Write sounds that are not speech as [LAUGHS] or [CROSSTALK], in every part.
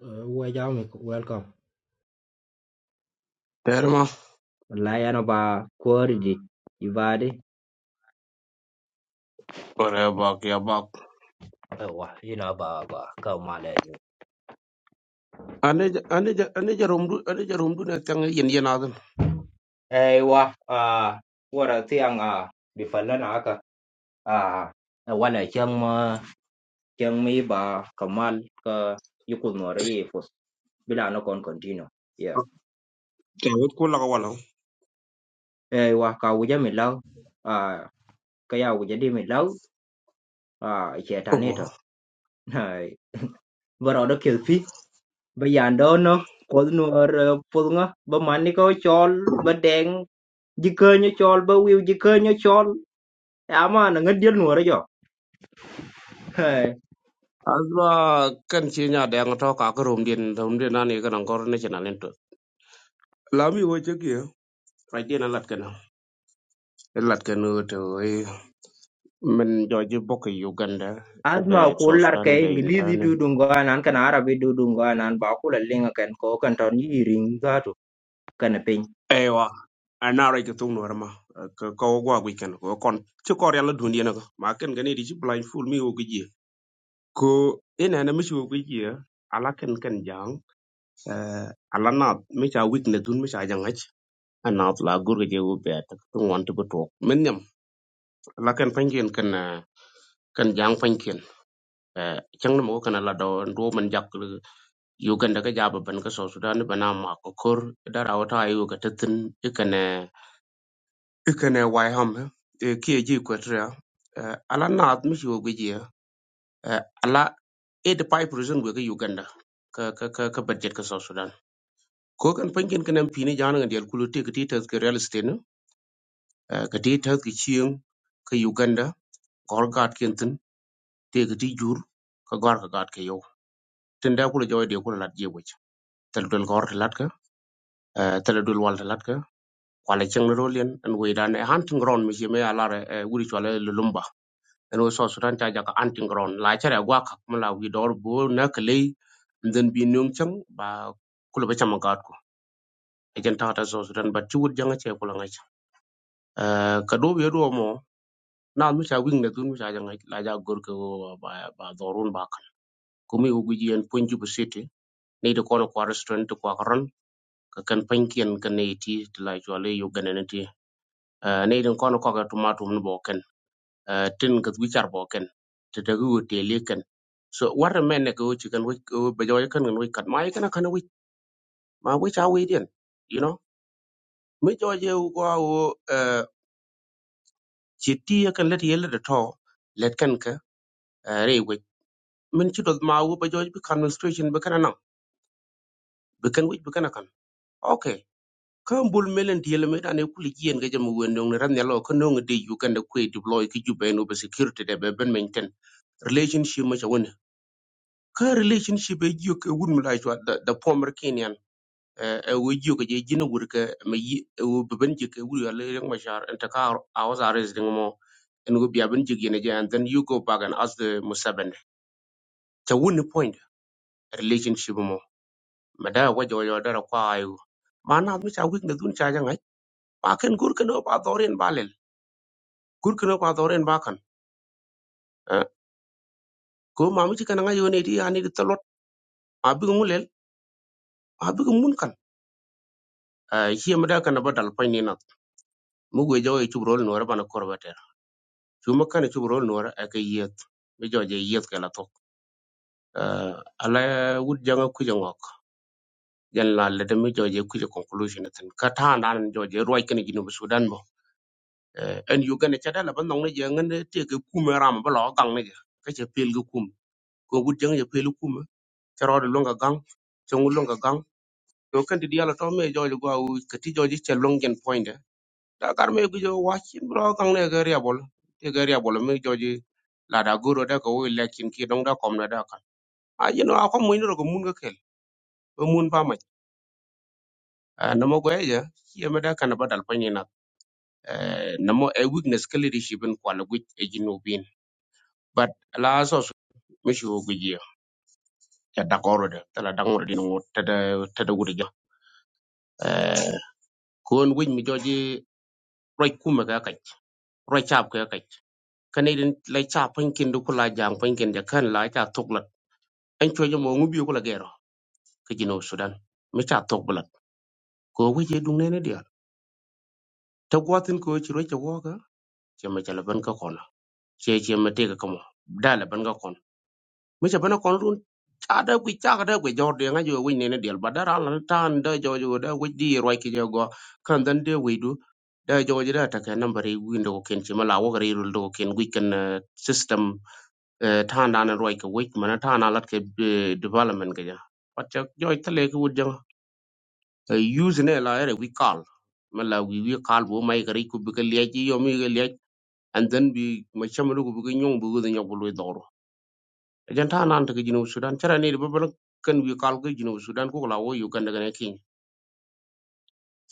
Wajawmi, welcome. Ter ma Wallahi ana ba kori di ibadi. ore bak ya bak. Ewa, ina ba ba ka mala yu. Ane ja- ane ja- ane jarum du ane jarum du na tang yen yen adan. Ewa, ah, wara tiang ah, bifalla na aka. Ah, eh, wala kyang ma kyang mi ba kamal ka yukun wara yi fus. Bila na kon continue. Yeah. Tawit kula ka walaw. Ewa, ka wuja mi lau. Ah, ka ya wuja di mi lau. Ah, ikhe Ogo. tanito. Bara oda kelfi. [LAUGHS] ba yando no kod nuor pudngo ba mani ko chol ba deng jikenyo chol ba wiu jikenyo chol ama na ngadiel nuor jo Hey, Azba kan chi nya da ng to ka ko rum din rum din ani kan ngor ne chana len to. Lami wa cheki ya. Ai din lat kana. Lat kana to e men joji bok Uganda e asma be so kular Sudan ke e be in ba ingilizi dudungo anan kan arabi dudungo anan ba kula linga kan ko kan ton yiring zato kan piny Ewa. Anara ke tung nuar ma. Ka ka wa gwa gwi ken. Wa kon. Chi kor ya la dunia na ka. Ma ken gani di chi blind fool mi wa ko ina na mishi ko ya ala ken ken jang eh, ala na mi cha wik ne dun mi cha jang ach ana la gur ge wo be ta ko wan to to men nyam ala ken pan ken ken eh, ken jang pan ken chang na mo kana la do ndo man jak lu- yu gan daga ja ban ka so sudan ba na ma ko kor da ra wata yu ga tatin ikane ikane wai ham eh, eh, ki ji ko tra eh, ala na mishi ko ya eh, ala 85% ga Uganda ka ka ka ka budget ka South Sudan ko kan panken kan an pini jana ngan dial kulu te kati tas ke real estate no kati tas ke chieng ke Uganda gor gat ken tin te kati jur ka gor ka gat ke yo tin da kulu joy de kulu lat je wech tal dol gor lat ka eh, tal dol wal lat ka kwala cheng ro lien an we dan e hunting ground mi je me ala re wuri chwala lumba an we so sudan ta jaka hunting ground la chara gwa ka mala wi dor bo na kle ndin bi nyung chang ba kulu ba chama gat ko e jan ta ta so sudan ba chu janga che kulu ngai Eh, ka do be do mo na mi cha wing na tun mi cha jang la ja gor ko ba ba dorun ba kan ko mi ugu yen punju bu sete ne de kono kwa restaurant to kwa ron ka kan pankien kan ne ti ti la jo le yo ganene ti ne de kono ko ga tomato mun bo ken Eh, tin ka wi char bo ken te de gu te le ken so war men ne ko chi kan wi ko be jo kan kan wi kan mai kan kan wi ma wi cha wi den you know mi jo je ko o chi ti kan let yele de to let kan ka eh, re min ci dot ma wo ba joj bi administration bi kana nam bi kan wij bi kana kan okay kan bul melen di le medane kuli gien ga jam won dong ran yalo kan dong de yu kan de kwe deploy ki jube no be security de be ben men ten relationship ma won ka relationship e yu ke wun mala jwa da da former kenyan eh, e wo yu ke je jina wur ke me yi wo be ben je ke wur yale reng ma jar en ta ka a was arrest ding mo en go bia ben je gene je and then you go back and ask the musaben ta wun point relationship mo meda wa jo yo dara kwa ayu mana mi cha wik ne dun cha jangai pa ken gur ken pa dorin ba lel gur ken pa dorin ba kan Eh, ko ma mi kan nga yo ne di ani di tolot ma bi mu lel ma bi mun kan hiya meda kan ba dal pa ni na mu go jo e chub rol no ra bana kor ba ter chu ma kan chub rol no ra e ke yet mi jo je yet ka la tok Eh, ala wut janga ku jangok yan la le de mi jo je ku je conclusion ten ka ta nan jo je roi ken gi no sudan mà Eh, en Uganda ca dala ba nong ne je ngende te ke kume ram ba lo gang ne ge ka che pel ge kum ko gut jeng je pel kume ca ro de longa gang chong longa gang to kan di diala to me jo jo gwa u ke ti jo ji che long gen point de da kar me gu jo wa chin bro gang ne ge ria bol te ge ria bol me jo ji la da guro da ko we le kin ki dong da kom na da kan a je no a ko mo ni ro ko mun ge kel o mun pa ma na mo go ye ye me da kan ba dal pa ni na na mo a weakness ke leadership en kwa le gut e ji no bin but la so mishi wo guji ya da koro de tala da ngoro dino wo tada tada gudi jo eh kon win mi joji roi kuma ga kai roi chap ga kai kane din lai chap pin kin du kula jang pin kin ja kan lai ta tok lat an cho jo mo ngubi kula gero ka jino sudan mi cha tok bulat ko wiji dung ne ne dia ta gwatin ko chi roi cha wo ga che ma cha laban ka kona che che ma te ka kamo da laban ka mi bana kon run cha gwi cha da gwi jor de nga jo wi ne ne del ba la tan da jo jo da gwi di roi ki jo go kan dan de wi du da jo ji da ta ka number i wi ndo ken chi ma wo ri ru ndo ken gwi kan eh, system eh, tan dan roi ka wi ma tan ala ke eh, development ga ja pat jo ta ku jang use ne la ere wi call ma wi wi call bo mai ka ri ku bi ka le ji yo mi ga le and then bi ma cha ku bi nyong bu ga nyong bu jan ta nan daga jinu sudan cara ne da babban kan bi kal ko jinu sudan ko la wo uganda ga ne king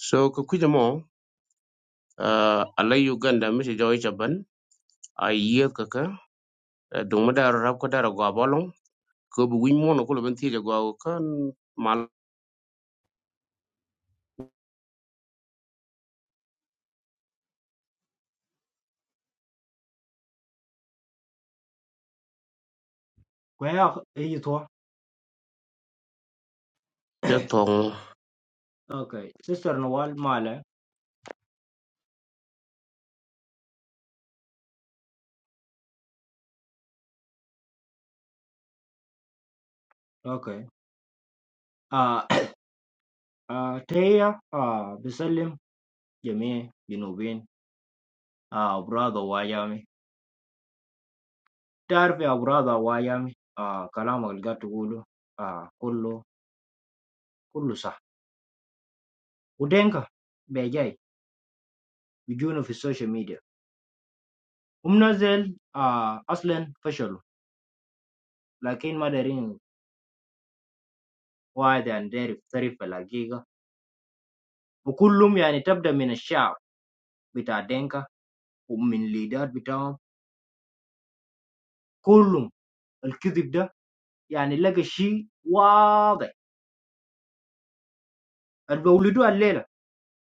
so ko kuje mo uh, alai uganda mi se joy chaban a yiye ka ka do mu da rab ko da go abolon ko bu win mo no ko ben ti go kan mal kwaya yitwa ya tong okay sister no wal male okay ah ah teya ah bisalim jamii jinubin ah brother wajami تعرف يا أبو راضي أبو أيام آه كلامك اللي قاعد تقوله آه كله كله صح ودينكا بيجاي بيجونه في السوشيال ميديا ومنزل آه أصلا فشلوا لكن ما دارين واحد عن داري في الحقيقة وكلهم يعني تبدأ من الشعب بتاع دينكا ومن الليدات بتاعهم كلهم الكذب ده يعني لقى شيء واضح اللي بولدوه الليلة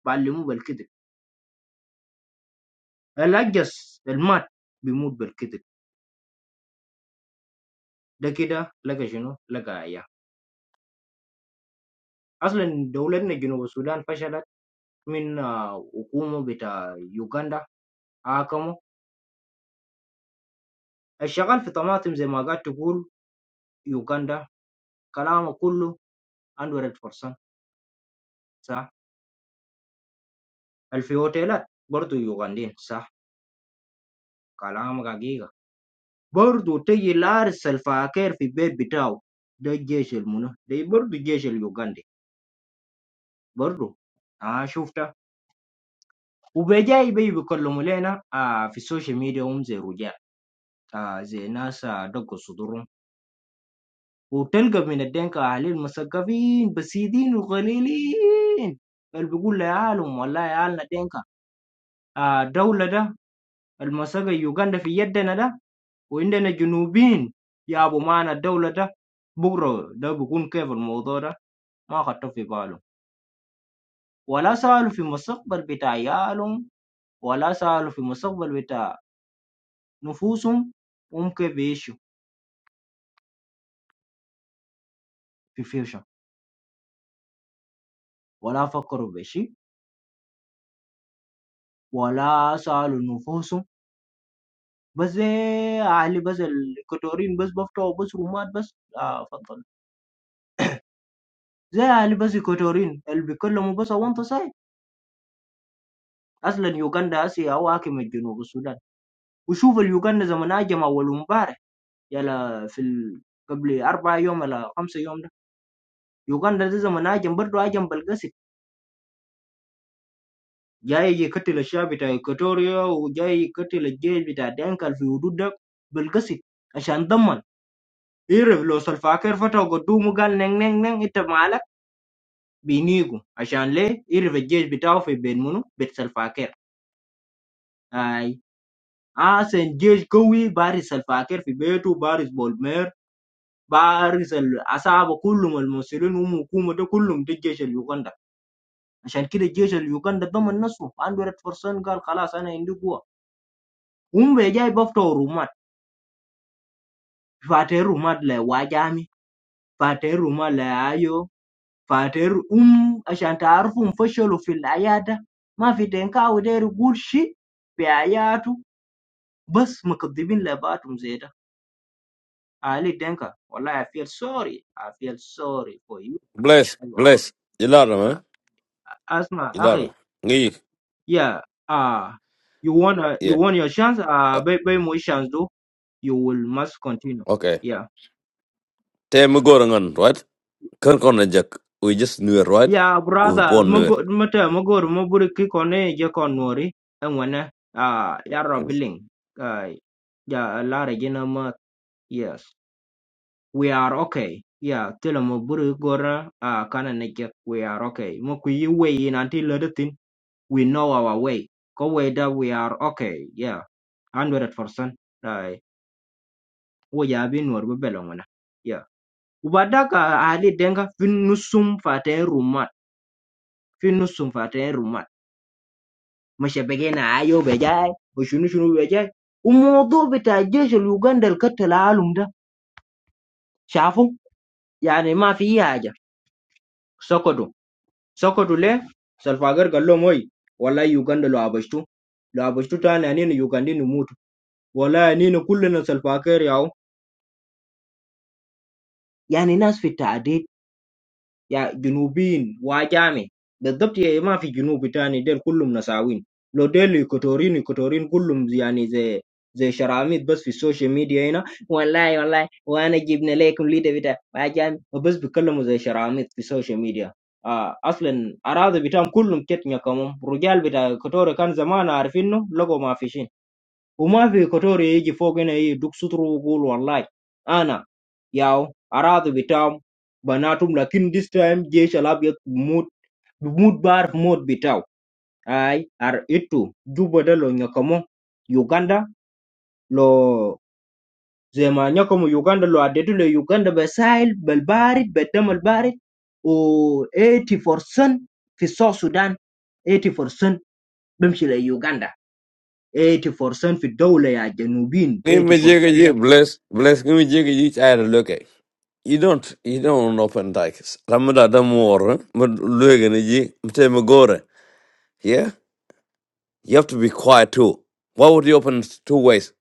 بعلموه بالكذب الأجس المات بيموت بالكذب ده كده لقى شنو لقى عيال أصلًا دولتنا جنوب السودان فشلت من آه، حكومة بتاع يوغندا حاكموا، الشغال في طماطم زي ما قعدت تقول يوغندا كلامه كله 100% صح، اللي في أوتيلات برضه يوغنديين صح كلامك حقيقة، برضه تجي لارس سلفاكير في البيت بتاعه ده الجيش المنو ده برضه الجيش اليوغندي برضه آه شفتها وبجاي بي بيكلموا لنا آه في السوشيال ميديا هم زي رجال آه زي ناس آه دقوا صدورهم وتلقى من الدنكة أهاليل مثقفين بسيطين وقليلين اللي بيقول لعيالهم والله عيالنا دنكة آه دولة ده المساقة يوغندا في يدنا ده وعندنا جنوبين يا أبو معنا الدولة ده بكرة ده بيكون كيف الموضوع ده ما خدته في بالهم ولا سألوا في مستقبل بتاع عيالهم ولا سألوا في مستقبل بتاع نفوسهم هم كيف بيعيشوا في فيوشن ولا فكروا بشيء ولا سألوا نفوسهم بس زي أهلي بس الكوتورين بس بفتحوا بس رومات بس آه فضل زي أهلي بس الكوتورين اللي بيتكلموا بس وانت ساي أصلا يوغندا آسيا أو حاكم الجنوب السودان وشوف اليوغندا زمن هاجم أول امبارح يلا في ال... قبل أربع يوم ولا خمسة يوم ده يوغندا ده زمن هاجم برضه هاجم بالقسم جاي يقتل الشعب بتاع إكواتوريا وجاي يقتل الجيش بتاع دينكال في حدود ده بالقسم عشان ضمن يعرف لو سلفاكير فتح قدومه قال نين نين نين انت معلم بينيجو عشان ليه يعرف الجيش بتاعه في بين منو بيت سلفاكير اي احسن جيش قوي بارز سلفاكير في بيته بارز بولمير بارز العصابة كلهم المسؤولين هم الحكومة ده كلهم ده الجيش اليوغندا عشان كده الجيش اليوغندا ضمن نفسه عنده 100% قال خلاص انا عندي قوة هم بقى جاي بفتحوا رومات فاتحين رومات لواجامي فاتحين رومات لايو فاتحين ام عشان تعرفوا فشلوا في العيادة ما في دينكاو داير يقول شيء بحياته بس مكذبين لبعضهم زي ده علي دنكا والله I feel sorry I feel sorry for you Bless, أيوة. bless. Ilato, huh? آه، اسمع Ilato. اخي Ngi. yeah uh you want to you Yeah. want your chance uh Uh, by, by my chance do you will must continue okay. yeah Te me go right? Kan kon na jak. We just knew it, right? yeah We were brother born knew it. mago mata magor maburi kikone je konori enwana Ah, ya robiling uh ya la regina ma yes We are okay. Yeah, tell mo buri gora uh kana neke we are okay. Mo ku yi way in until the thing we know our way. Ko way that we are okay. Yeah. 100%. Right. Wo ya bin wor be belongona. Yeah. Ubada ka ali denga fin nusum fate rumat. Fin nusum fate rumat. Mashe begena ayo bejai. Ushunu shunu bejai. Umodo bita jeshi Uganda katala alum da. Shafu? Yani ma fi haja. Sokodo. Sokoto le, salfagar gallo moyi, wallahi Uganda lo abashtu, lo abashtu tani anina Ugandini mutu, wallahi anina kullina salfakar yawo, yani nas fi ta'adid يا جنوبيين واجامي بالضبط يعني ما في جنوبي تاني ديل كلهم نساوين لو ديل إيكوتوريين إيكوتوريين كلهم زي- يعني زي زي شراميط بس في السوشيال ميديا هنا والله والله وانا جبنا لكم ليدر بتاع واجامي وبس بيتكلموا زي شراميط في السوشيال ميديا آه اصلا اراضي بتاعهم كلهم تتنيا كمان رجال بتاع كوتوري كان زمان عارفينهم لقوا ما فيش hôm nay về câu chuyện về cái phong cách này được sutro của Lordlight, Anna, Yao, Aradu biết tháo, ban đầu chúng ta tin, this time, Jason lại một một bar một biết tháo, hay ở chỗ, Jupiter lo Nigeria, Uganda, lo Zaire, Nigeria, Uganda, lo Adetu, lo Uganda, Brazil, Belbarit, Beltemalbarit, 84% ở South Sudan, 84% nằm trên Uganda, 84% ở Đông Nam Á, Ngi me jega 84% ji bless, bless ngi me jega ji chayra loke. You don't, you don't open dikes. Ramada da more, mud luega ni ji, mte me gore. Yeah? You have to be quiet too. Why would you open two ways?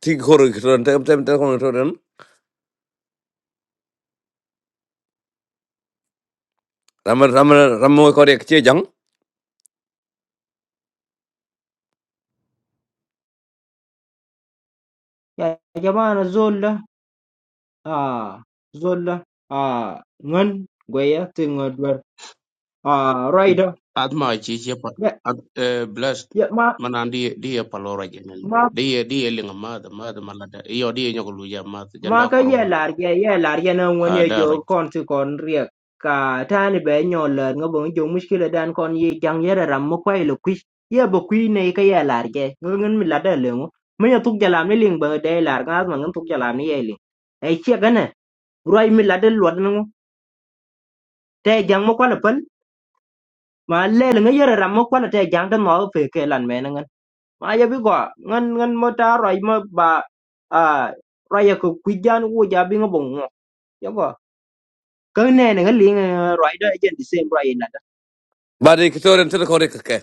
Ti kore kitoren, te mte mte kore kitoren. Ramada, ramada, ramada kore kche jang. يا جماعة زول آه زول آه ngân quay từ người đuổi à rồi đó adma ci ci pa blessed dạ mà manan di di ya palora jenen mà di ya di ya linga ma da ma da mala da yo di ya nyoko lu ya ma janda mà ko cái ro giờ wol là cái giờ là cái nó a muốn giờ daro cho con thì con riêng cả ta này bé nhỏ lớn nó vẫn dùng mức kia đàn con gì chẳng giờ là làm một quay lục quý giờ bộ quý này cái giờ là cái ngân ngân mình là đời lượng mấy nhà thuốc làm này liền bờ đây là cái mà ngân thuốc làm này liền ấy chưa cái này rồi mình là đời luật nó thế chẳng một quan là ma lel nga yere ram mo kwana te jang de mo fe ke lan me na ngan mà ya biết qua ngan ngan mo ta rồi mo ba à rồi giờ ko ku jan wo ja bi ngo bong ya go ka này ne nga ling rồi da jen di sem roi na da Badi kitoren, te kore kake.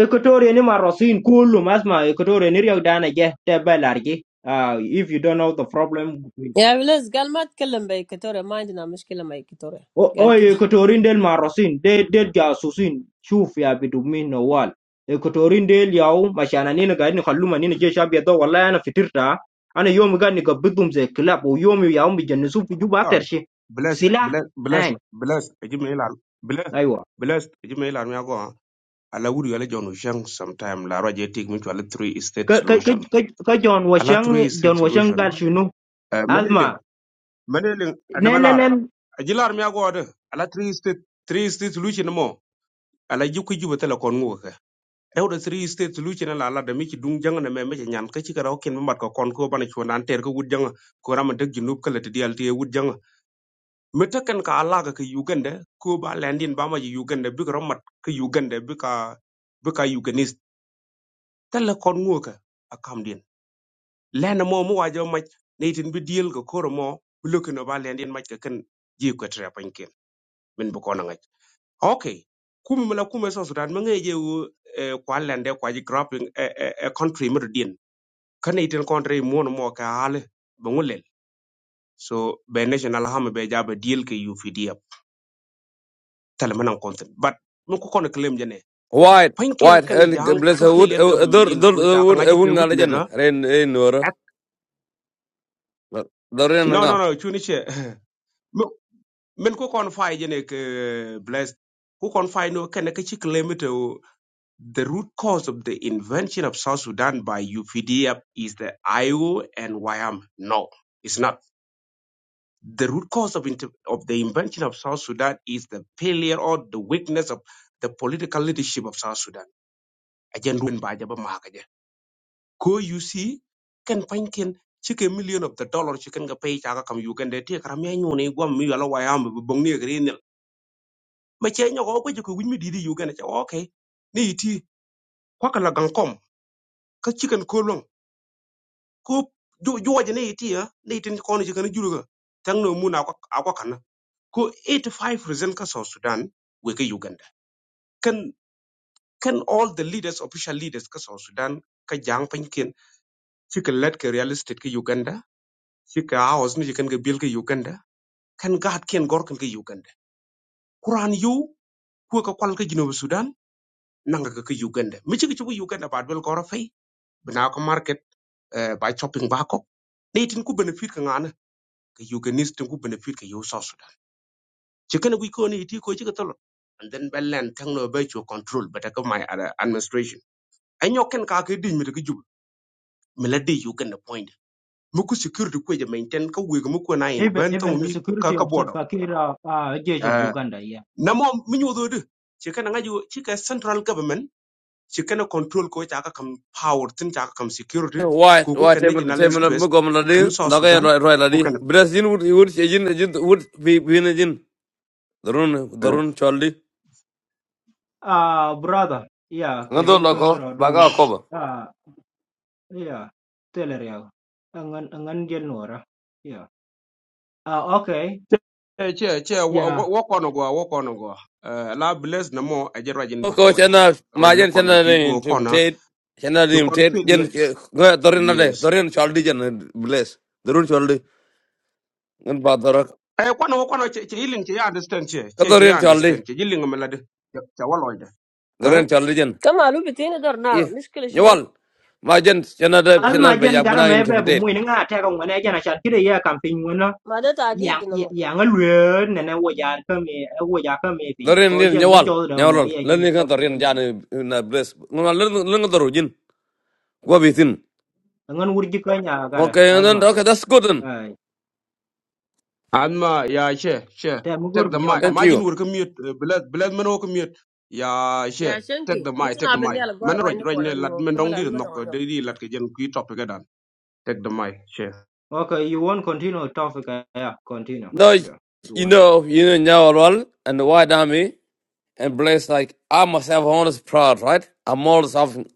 e ko tore ni ma rosin kullu mà ma e ko tore ni riog dana je te belar ji Ah, if you don't know the problem Yeah, less. He didn't talk to you, Victoria. We don't have a problem with you, Victoria. He said oye that. ekotorin del marosin de de jasusin shuf ya bidumin nawal ekotorin del yaw mashana nina gaid ni khalluma nina je shabi do wallahi ana fitirta ana yomi gad ni gabbidum ze club o yomi yaw mi jannisu fi juba Ah, aktar shi bless, sila bless, bless, an bless. Ejimailan, bless, aywa bless. Ejimailan, we are going. Allah would you John Ushang sometime. La Raja take me to a three state ka ka ka solution. ka ka John Allah Washang three state John Washang gal solution. shinu eh Medeling, azma medeling, and nen nen Malara. nen Ajilar me agora. Allah three state, three state solution mo. Allah juku juba tela kongo ke. Ewo the three state solution ala ala demi ki dung jang na me me ci nyan kachi kara okin me mat ko kon ko bani chwa nan ter ko wud jang ko rama dek junub kala te dial te wud jang mita kan ka alaga ka Uganda ko ba landin ba ma ji Uganda bi ka romat ka Uganda bi ka bi ka Uganese tala kon ngo ka akam din lena mo mu wajo ma neitin bi deal ka koro mo bloke no ba landin ma ka kan ji ko tra panken min bu ko na ngai okay kumi mala kuma so sudan ma ngai je wo eh, kwa lande kwa ji grapping a eh, eh, country mi din kan neitin country mo no mo ka hale ba ngulel so be national hama be jaba deal ka UPDF tala manan kontin but mun ko kono claim je White, pinkin white, kan and jang bless ka her wood, failure ka uh, be dur, mendin dur, ko uh, ta wood, kan a aji wing ke weakness legend, ha rain, rain, or Ak- the no no rain. no chuni che [LAUGHS] Mo- men ko kon fay jene ke blessed who can fay no kan ka chik limit o, the root cause of the invention of South Sudan by UPDF is the IO and YM no it's not the root cause of inter- of the invention of South Sudan is the failure or the weakness of the political leadership of South Sudan ajen run ba jaba ma ko you see ken paintin chike million of the dollar chicken ga pay chaga kam uganda ti karam ya nyone gwam mi yala wayam bu bong ni gre ni ma che nyago ko jiku wimi didi uganda cha okay ni iti kwa kala gang kom ka chicken ko long ko jo jo waje ni iti ya ni tin ko ni chicken juru ga tang no muna akwa akwa kana ko 85% ka south sudan we ka uganda kan kan all the leaders official leaders ka south sudan ka jang pankin chicken let ka real estate ka uganda chicken house ni chicken ga bil ka uganda kan gaat ken gorkan ka Uganda. Quran yu kuwa ka kwal ka Jinoba Sudan nanga ka ka Uganda. Michi ka chuka Uganda baad bel gora fay. Bina ka market eh, by chopping bako. Ne itin ku benefit ka ngana ka Ugandese tin ku benefit ka yu South Sudan. Chikana gwi kone iti ko chika tolo. And then Belen tang no by your control but ka my administration. Anyo ken ka ka di mi ka juba. Mila di Uganda point. Muku security kwe ja maintain ka wiga muku na in even even bentong the mi ka security ka of border. Salva Kiir uh, uh, Gauge of Eh, Uganda yeah Namo minyo do de. Chikana ngaji chika central government she cannot control ko chaka kam power tin chaka kam security ko White, ko white, kan ne table, national table, stress book of dun Ladi, south the guy sudan right, right, ko Ladi. kan play Bless you, would you would say, Jin, Jin, would be in a Jin, the run, the run, Charlie. uh brother yeah Another kedi kwengi loco, Baga rodum Coba. Yeah, teleriago. Angan angan jel nora. Yeah. Ah, okay. che che che Yeah. wo ko no go wo ko no go eh la bless na mo a jera jin ko Okay, rajin Chana, roj my no Jen, kon go ku Chana, go ko Tim na Tate, Chana, to Tim kon Tate, Jen, failure Dorina, yes Dorin, Charlie, Jen, bless, the run, Charlie, and Badara, e ko no ko no che che iling che ya understand che che che Kadorin, ya Charlie, understand che iling ma la de cha wa the run, Charlie, Come on, we can do it. No Yeah. problem. What is it? Nyawal. Majen chenada Al Hmm. pianar ma be jen yak gara bana mebe bu mu interpret. nga te ko ngone jen achan kide ya camping ngona. We have a lot of Yang problems. yang alwe ne ne wo jar ka me wo jar ka me pin. Dorin Ko ni jen ne nyawal. jol do mo Nyawal. ye jen Lerni ko kan ko dorin ne. jani na bless. Ngona learn, learn doru jin. Gua bisin. Angan wurji ka nya gara Okay, and then asma. okay, that's good then. Ai. Alma, yeah, share share Te mu gur take the bi mic. nyolat. Thank Imagine you. we're commute, bless, bless me no commute. Yeah, Yeah, share because, take the for mic, take the example, we mic. have a lot Man, of right, right, ne, lad, men don't did people knock, who are not very they good. did, lad, kajan, kui topic again. Take the mic, share Okay, you want continue topic? Yeah, continue. No, Yeah, you you want know, come. you know Nyawal well, and the white army and bless like I myself always proud, right? I'm always having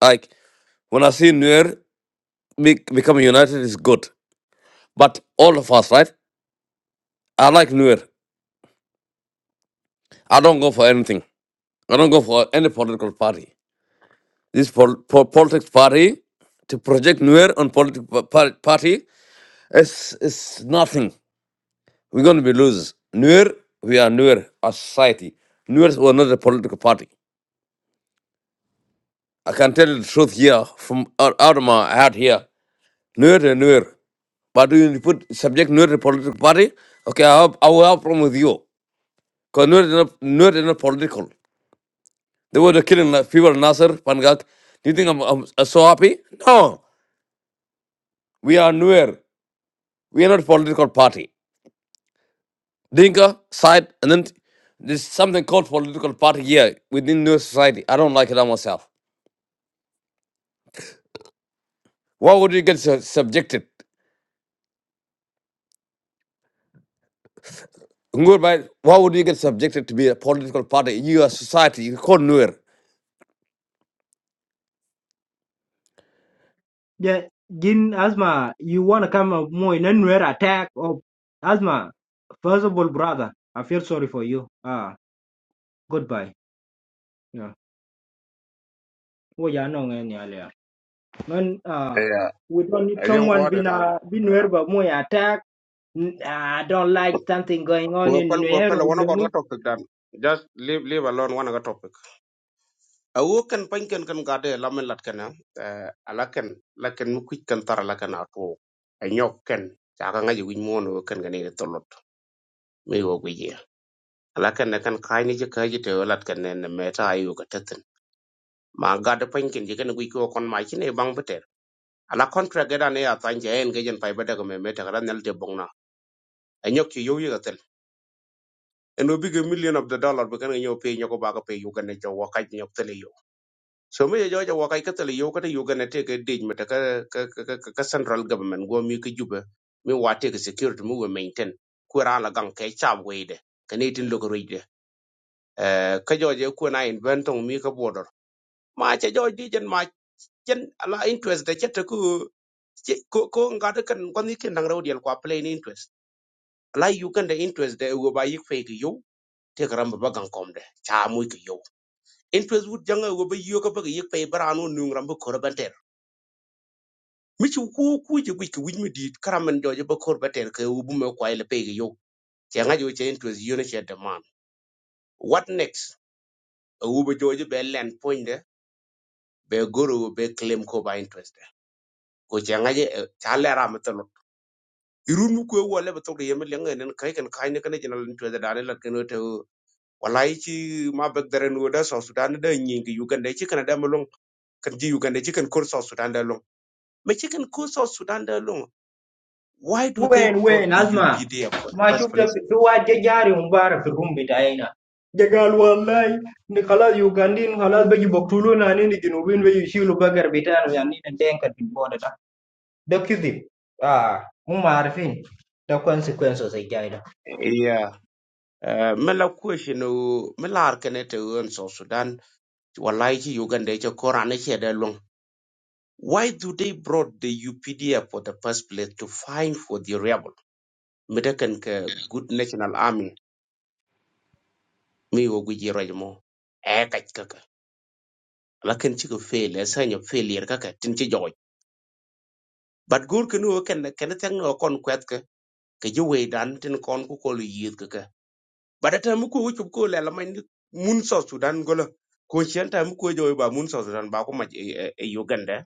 like when I see Nuer be, become united is good. But all of us, right? I like Nuer. I don't go for anything. I don't go for any political party. This pol- po- politics party to project Nuer on political party is is nothing. We're going to be losers. Nuer, we are Nuer, our society. Nuer were not a political party. I can tell you the truth here from out, out of my heart here. Nuer and Nuer. But when you put subject Nuer to political party, okay, I, have, I will have problem with you. Because Nuer is not, Nuer is not political. They were killing like, people, in Nasser, Pangak. Do you think I'm, I'm so happy? No. We are Nuer. We are not political party. Dinka side, and then there's something called political party here within New Society. I don't like it on myself. Why would you get su- subjected? Ngor, right? Why would you get subjected to be a political party? You are society. You call Nuer. Yeah, Jin Asma, you wanna come up more in anywhere attack of Asma. First of all, brother, I feel sorry for you. Ah, goodbye. Yeah. Oh yeah, no any earlier. Man, uh Yeah, we don't need I don't go someone there, been no. uh been where but more attack. N- I don't like something going on in Kuopel, kuopel, one of Nuer our topic done. Just leave, leave alone one of the topic. A walk and pink and can got a lamin latkana, eh lakan, lakan, quick can tar lakan ato anyok A nyok can. Chakanga, you win more, can get it a lot. May work alakan na kan kai ni jika ji te olat kan ne meta ayu ka tatin ma ga da pen kin jika na gwi ko kon ma kin e bang beter ala kontra ga da ne ya tan je en ga jen pai bada ga me meta ga nal te bong na anyok ki yoyu ga tel en obi ga million of the dollar be kan nyo pe nyoko ba ga pe yu ga ne jo wakai nyok tele yo so me jo jo wakai ka tele yo ka te yu ga ne te ga dej meta ka ka ka ka- central government go mi ka juba mi wa te ga security mu we maintain ku ra la gang ke chab we de ka ne tin lo ga ro de ka jo je ku na in ben tong mi ka bo do mà che jo đi jen mà chen là interest để chet ku cô, cô ko được de kan kon ni ken nang raw diel plain interest là you kan the interest để go ba yik fe ki yo te gram ba gan kom de cha mu ki yo interest wut jang go ba yo ka ba yik fe bra no nu gram ba kor ban ter mi chu ku ku je gu ki wi mi dit kram en jo je ba kor ba ter ke u bu me kwa ile pe ki yo che nga jo che interest yo ne che demand. what next u ba jo je be point de be goro be claim ko ba interest de. ko che nga je cha lẹ ram ra irun ku wa le to ye me nen kai kan kai ne kan jina to da dane la kan to wallahi ci ma bag dare no da so sudan da nyi gi yugan da ci kan da mulun kan ji yugan da ci kan kur so sudan da long me ci kan kur so sudan da long why do they When when brought the Azma, updf for the ma first shuf that place the whole jagari room, room bedaina. Jagal walai. Nikalah Uganda ni kalah bagi bakulu na ni ni genwin weyisiu laga karbetan weyani ntenka dibonda. Daki deh. Ah, ma arfin. Dako ansekuensor sejajaida. yeah uh, mela kushi no mela arkane te on so sudan wallahi ci yugan da ci korane ce da long why do they brought the updf for the first place to find for the rebel medakan ka good national army ngi wo guji roj mo e kaj kaka la ken chika fail e sanyo failure kaka tin chi joy but gur ken wo ken ken tang no kon kwet ka ke ji we dan tin kon ku ko lu yid kaka but ata mu ko wuchup ko le la man mun so sudan golo ko chen ta mu ko joy ba mun so sudan ba ko ma e uganda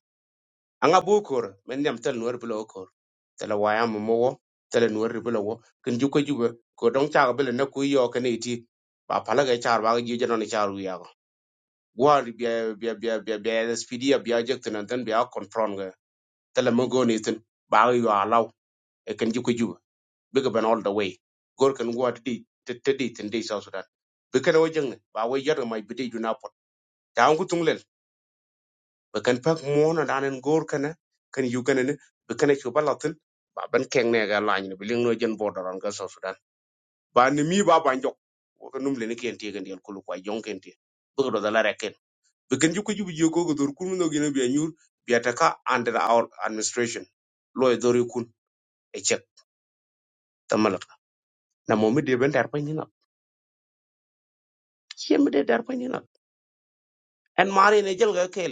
anga bokor men nyam tan nor bulo kor tala waya mo mo wo tala nor bulo wo ken ju ko ju ko dong cha ko bele na ku yo ken iti ba pala ga char ba ji jano ni char wi gwari biya biya biya biya bia SPD ya bia jek tan tan bia confront ga tala mo go ni tan ba yo alaw e kan jiko juba biga ban all the way gor kan gwa ti ti ti tan dei south sudan be kan wo jeng ba wo yar mai bidi juna pot ta an gutung lel be kan pak mo na danen gor kana kan yu kan ne be kan chu balatin ba ban keng ne ga lañ ne biling no jen border on ga south sudan ba ni mi ba ban jok wo kan num le ne ken ti kan dial kulu kwa jong ken ti biga do dala rek We can juku jubu joko go dor kun no gina biya nyur biya taka under our administration. Lo e dori kun e check tamalak. Na momi de ben darpa nyina. Chem de darpa nyina. And mari ne jel ga kel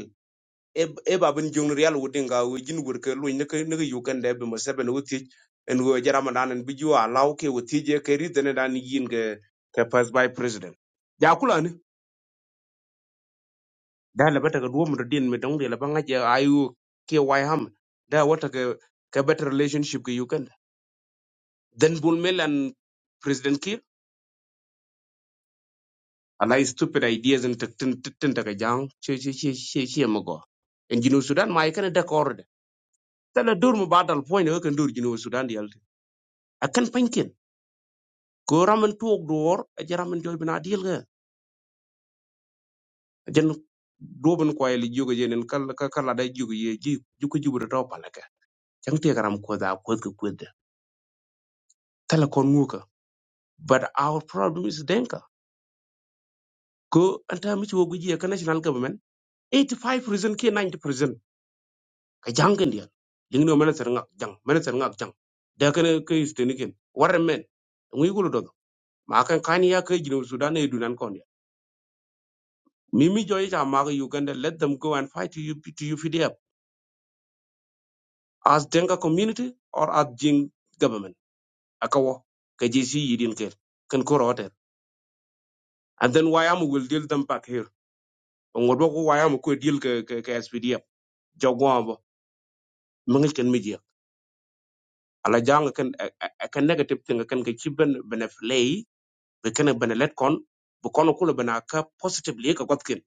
e e babin jong real wudin ga we jin gur ke lo ne ke ne yu kan de be ma seben wuti en go jarama dan en biju a law ke wuti je ke ri dene dan yin ke ke pass by president. Ja kula ni da la bata ga duwo mu din mi dong de la banga je ayu ke wai ham da wata ke ke better relationship ke yu Then Bulmel and President Kiir allow stupid ideas and tindaga jang che che che che che mago. And Jinu Sudan ma ikana da kord. Tala dur mu badal point ho kan dur Jinu Sudan di alti. Akan pankin. Ko ramen tuog duor ajaramen joy bina deal ga. Ajan doben ko ay li juga jenen kal ka kala da juga ye ji juko jubra to palaka. Chang te karam ko da ko ko ko da. Tala kon muka. But our problem is denka. Ko anta mi ci wogu ji ka national government 85% ke 90% ka jangen dia ling no mena serngak jang mena serngak jang de ken ke isteniken war men ngi gulu do ma kan kan ya ke jinu sudan e dunan kon dia mimi joy ja ma uganda let them go and fight to you to you pdf as denga community or as jing government akawo ke jisi yidin ke kan ko rote and then why am will deal them back here ngodo ko why am ko deal ke ke, ke spdf jogo ambo mangi ken media ala jang ken a, a, a ken negative thing ken ke chiben beneflay be kene bene let kon be kono kulo bena ka positively ka gotkin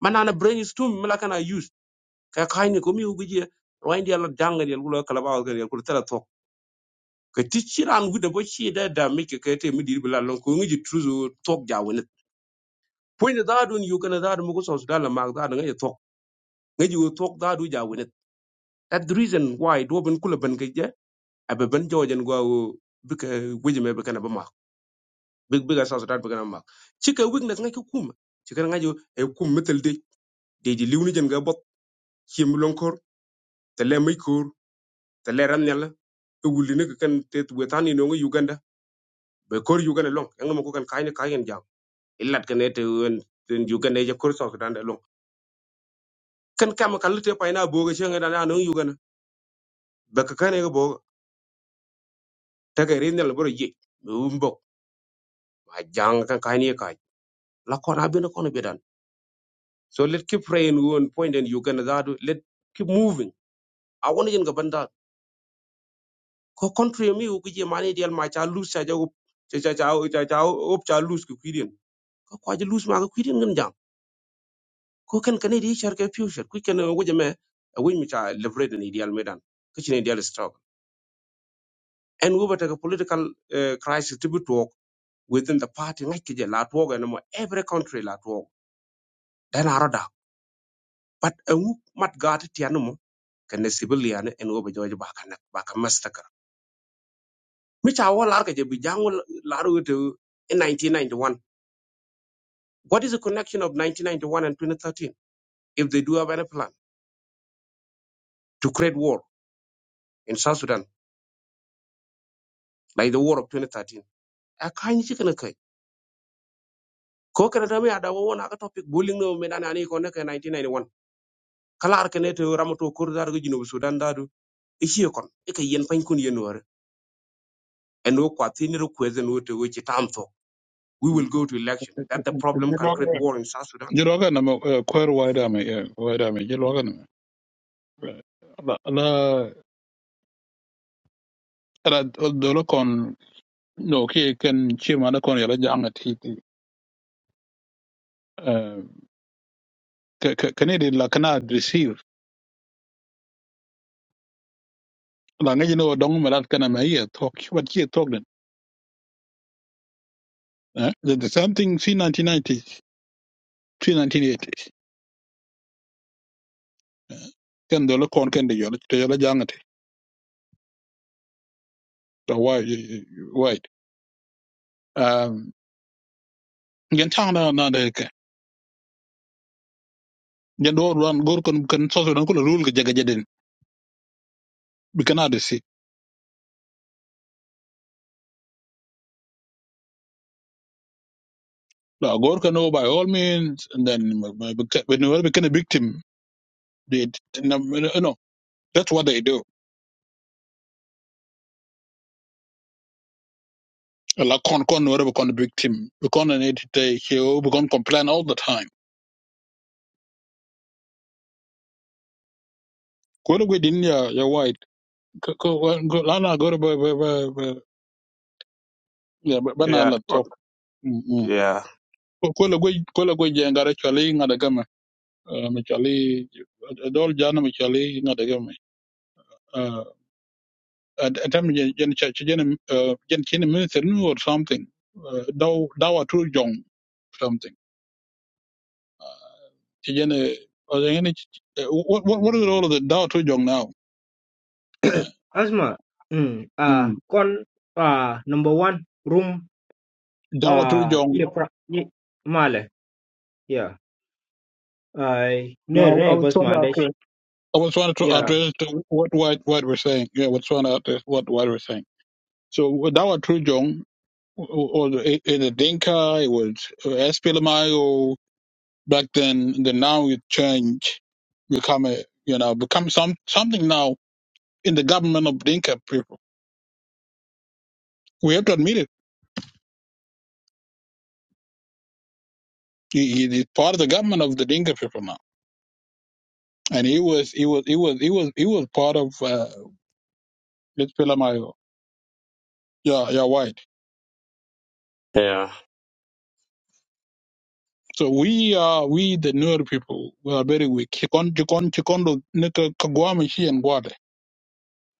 manana brain is too mila kana use ka kaini ko mi ugije roindi ala dangal yel kulo kala bawo gel kulo tala tok ka tichiran gude bo chi da da mi ke kete mi dir bila lon ko ngiji truzo tok ja wene point da dun yu kana da mu ko sos dala mag da nga tok ngiji wo tok da du ja wene that the reason why do ben kulo ben ke je abe ben jojen gwa wo bika wejime be kana ba mak bika sos da be kana mak chika weakness nga ki kuma chika nga jo e kum metal de ji liwni jen ga bot chiem lonkor te le mai kor te le ran nyala e wuli ne kan te we tani no uganda be kor uganda long yang mo ko kan kaine kaien jam illat kan te wen ten uganda je kor so dan long kan kam kan te pa ina bo ga chen da no uganda be ka kan ga bo ta ga rin nyala bro ye umbo ma jang kan kaine kai la ko na be no ko no be dan so let keep praying one point in uganda that let keep moving i want jen ga ko country mi ku je mane dial ma cha lose cha jago cha cha cha cha cha op cha lose ku kidin ko ko je lose ma ku kidin ngam jam ko ken kan di char ke future ku ken wo je me wi mi cha leverage ni dial medan ku chine dial struggle and we were political uh, crisis to be talk within the party ngai ke la talk and mo every country la talk dan arada but ngu mat gat ti mo ken sibil yan en wo be ba kan ba kan mastakar mi cha wo lar ke je bi jangol lar wo in 1991 What is the connection of 1991 and 2013 if they do have any plan to create war in South Sudan, like the war of 2013? A kind chicken a kai. Ko kana dami ada wawan aka topic bullying no me dana ani kone ka 1991. Kala ar kene to ramato kur dar go Sudan dadu. Ishi kon. Ika yen pan kun yen war. And no kwatini ro kwezen wote which tam so. We will go to election. That the problem can create war in South Sudan. Jiroga na ma kwer waida me waida me jiroga na la la la dolo kon no ki ken chima na kon yala janga ti ti kani di la kana receive la ngi no dong me lat kana me ye talk what ye talk den eh the, the same thing see 1990 ken dolo kon ken di yala to yala janga ti to why why um gen tang na na de ke gen do ran gor kon kan so so dan ko rule ga jaga we cannot see. Now, God can know by all means, and then when we become a victim, they, you know, that's what they do. Like con con whatever become a victim, become an it they heal, become complain all the time. Go to with India, you're white. Go go go. Lana go to by by by yeah, but but Yeah. not talk. Mm-hmm. Yeah. Go go go go go. Jengara chali ngada gama. Mchali adol jana mchali ngada gama. and and tam yen yen cha chen uh yen chen minister nu or something uh, daw dawa tu jong something Chi yen uh, or the yen uh, what what what is all of the dawa tu jong now uh, Azma. Hmm. Ah. mm. Kon. Ah. Number one room. dawa tu Ah. jong Iprak. I. Male. Yeah. I. Nere no, I nere was bos trying to madesh. address. I was trying to Yeah. address to what what what we're saying. Yeah, I was trying to address what what we're saying. So with Dawa Trujong or the in the Dinka, it was uh, SPLMIO back then. Then now it changed, become a you know become some something now in the government of Dinka people. We have to admit it. He, he is part of the government of the Dinka people now, and he was he was he was he was he was part of uh, let's put him out, yeah yeah white. Yeah. So we are we the newer people. We are very weak. Chikon chikon chikon nika kagwami shi and guade.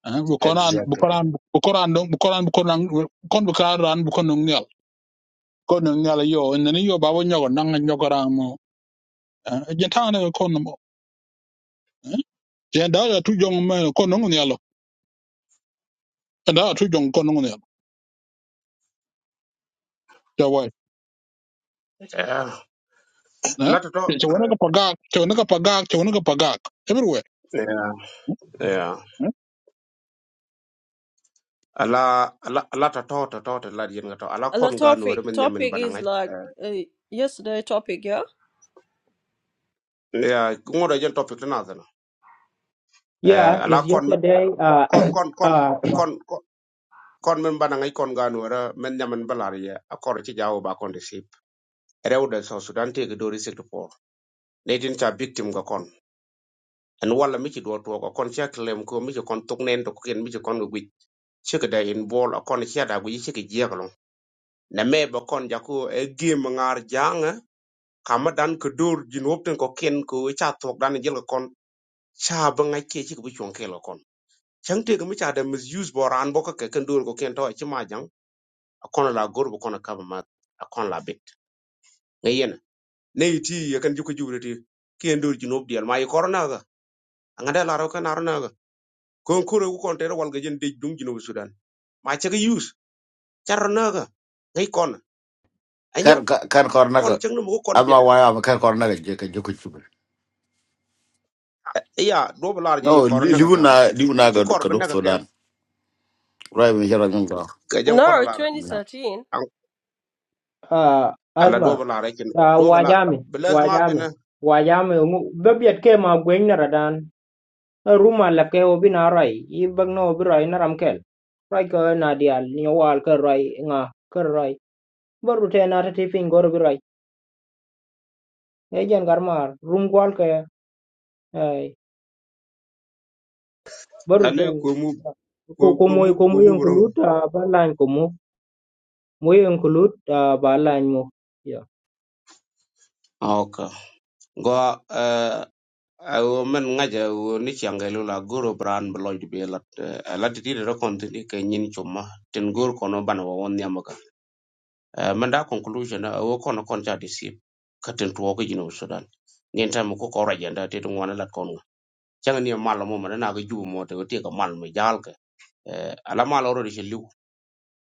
Eh, Bukoran Exactly. bukoran bukoran dong- bukoran bukoran bukon bukaran bukon nungyal. Kon nungyal yo and then yo babo nyogo nanga nyogo mo. Jentana kon mo. Jentana tu jong me kon nungyal. Jentana tu jong kon nungyal. Jawai. Yeah. A Eh? lot of talk. Chewanaga pagak, chewanaga pagak, chewanaga pagak. Everywhere. Yeah. yeah. Eh? ala ala ala ta to ta to ta la yen ga to ala The kon ga no topic, re men nyamen topic bana is ngai like uh, yesterday. Topic, yeah. ya ngoda jen topic na zana eh Yeah. ala Is kon yesterday. Ah. kon kon kon Ah. [CLEARS THROAT] kon kon kon men bana ngai kon ga no re men nyamen balar ye akor ci jawo ba kon de sip rew de so sudan te ga do risik po ne tin ta victim ga kon en wala mi ci do to ko kon ci klem ko mi ci kon tuk nen to ko ken mi ci kon wi ci ga da in bol akon ci da gu ci ga jeglo na me ba kon ja ko e gem ngar jang eh. kama dan ko dor jin wopten ko ken ko cha tok dan jel ko kon cha ba ngai ke chi ko chon ke lo kon chang te ko mi cha da mis use boran bo ka ke ken dor ko ken to chi ma jang a kon la gor bo kon ka ba ma a kon la bit ngai yen ne ti ye kan ju ko ju ti ken dor jin wop dial ma yi corona ga anga da la ro kan ar na ga kon ko ro kon te ro wal ga jen de dum jin wop sudan ma cha ga use char na ga ngai kon anyo kan kan kan kor kon naga chang no mo kon bi ama da waya ama kan kor naga je kan je ko chuba ya do ba la je ye no li- corona ga libu ka na libu na chi ga kor ka ba dok na ga ke sudan rai me jara ngun ga ke jang No, corona twenty na thirteen. an- À, ác ala do ma, bala rekin à, do hóa bala jami, belas hóa ma jami, bina hóa jami. Bây giờ cái mà quen rồi đó anh, ở rumal là cái obi nari, ibang noobirai naramkel, phải không? Nadial, nyual kerai, nga kerai. Bữa rồi nãy tivi ngon bự rồi, cái gì anh cầm mà, rumual kia, ài, bữa ane rồi, ko mu ko cô ko mu mui cô ko mui mu ông bro chú da ba lan cô mui, mui ông chú da ba lan mui, yeah, okay go eh awo men ngaja wo ni changelo la goro bran bloid be lat lat ti de kon ti ke nyin chuma ten gor kono ban wo won nyamaka men da conclusion awo kono kon ta disip katen tuwo ko jino sudan ngin tam ko ko rajanda te dum wona lat kono changa ni malo mo mana na ga jubo mo te ko te ka mal me jal ke Eh, ala malo ro de liu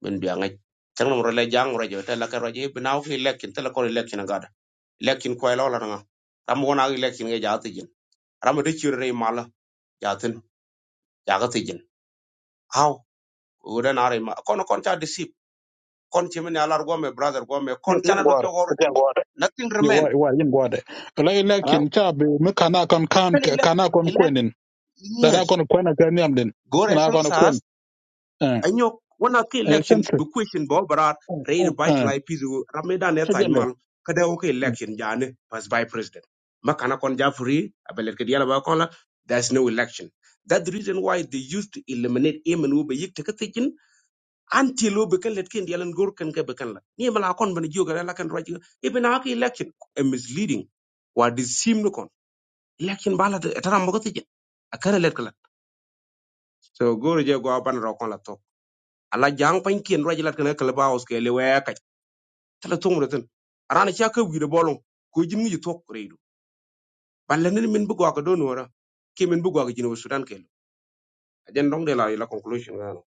min biya ngai chang nam role jang ro jo ta la ka ro je binaw ki lekin ta la ko Election ga da lekin ko lo la nga ram wona ki lekin ga ja ti jin ram de chi re ma la ja tin ja ga ti jin how u da na re ma kon kon ta disip kon chi min alar go me brother go me Yin kon yin chana do gware, jo gor de yin gware. nothing Yo, remain why, why, yin gware. Lai ha election chabi, me kana kon kan, kan elect kana kon elect kwenin. Dada yes kon kwena kan yamden. go Kana kon re kwen. Eh, anyok wana ke eh, election sense. bu question bo barar re Eh, revitalize peace wo rameda ne tan chejele. mal kada wo ke election jane pass by president makana kon ja free abelet ke diala ba kon la there's no election that's the reason why they used to eliminate him and be yik take taken until wo be let ken diala ngor kan ke ni mala kon ban jiyo gara la kan raj ibn election a misleading what is seem no kon election bala tara mo ko taken akara let kala so goro je go ban ro kon la ala jang pan kien raj lat kana kala baos ke le wa ka tala tong roten arana cha ka wi de bolon ko jim ngi tok reedu balle ne min bu ko do nora ke min bu ko jinu sudan ke ajen dong de la la conclusion ga no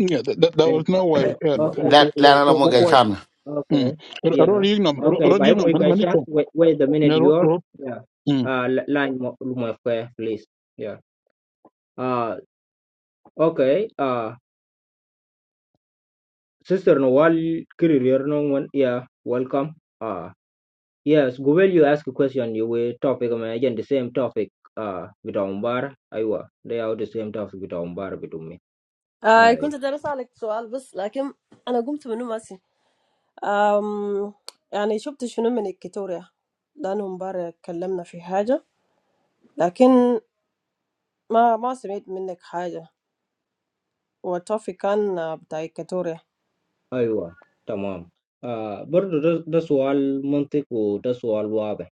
Yeah, that, that, there very was good. no way. Uh, okay, la la na mo ga yeah. why? chana Mm. Okay. Rod Yeah. Yignum, Okay. Rod By Yignum, more questions. Manicho. Wait, wait the minute Rod, you're Rod, yeah. Mm. Uh, li- line mo mo kwe, please. Yeah. Uh, okay. Uh, sister no wal career no one. Yeah. Welcome. Uh, yes. Go well. You ask a question. You will topic. I mean, again the same topic. Uh, with Ombar, Aywa. They are the same topic with Ombar with me. I Ay. was asking a question, but I didn't understand it. Um, I mean, what did you say about Victoria? We talked about something, but I didn't understand anything. Watofi kan uh, bita Equatoria. Aywa. Tamam. Uh, but that's all. Mantiku. That's all. Wabe.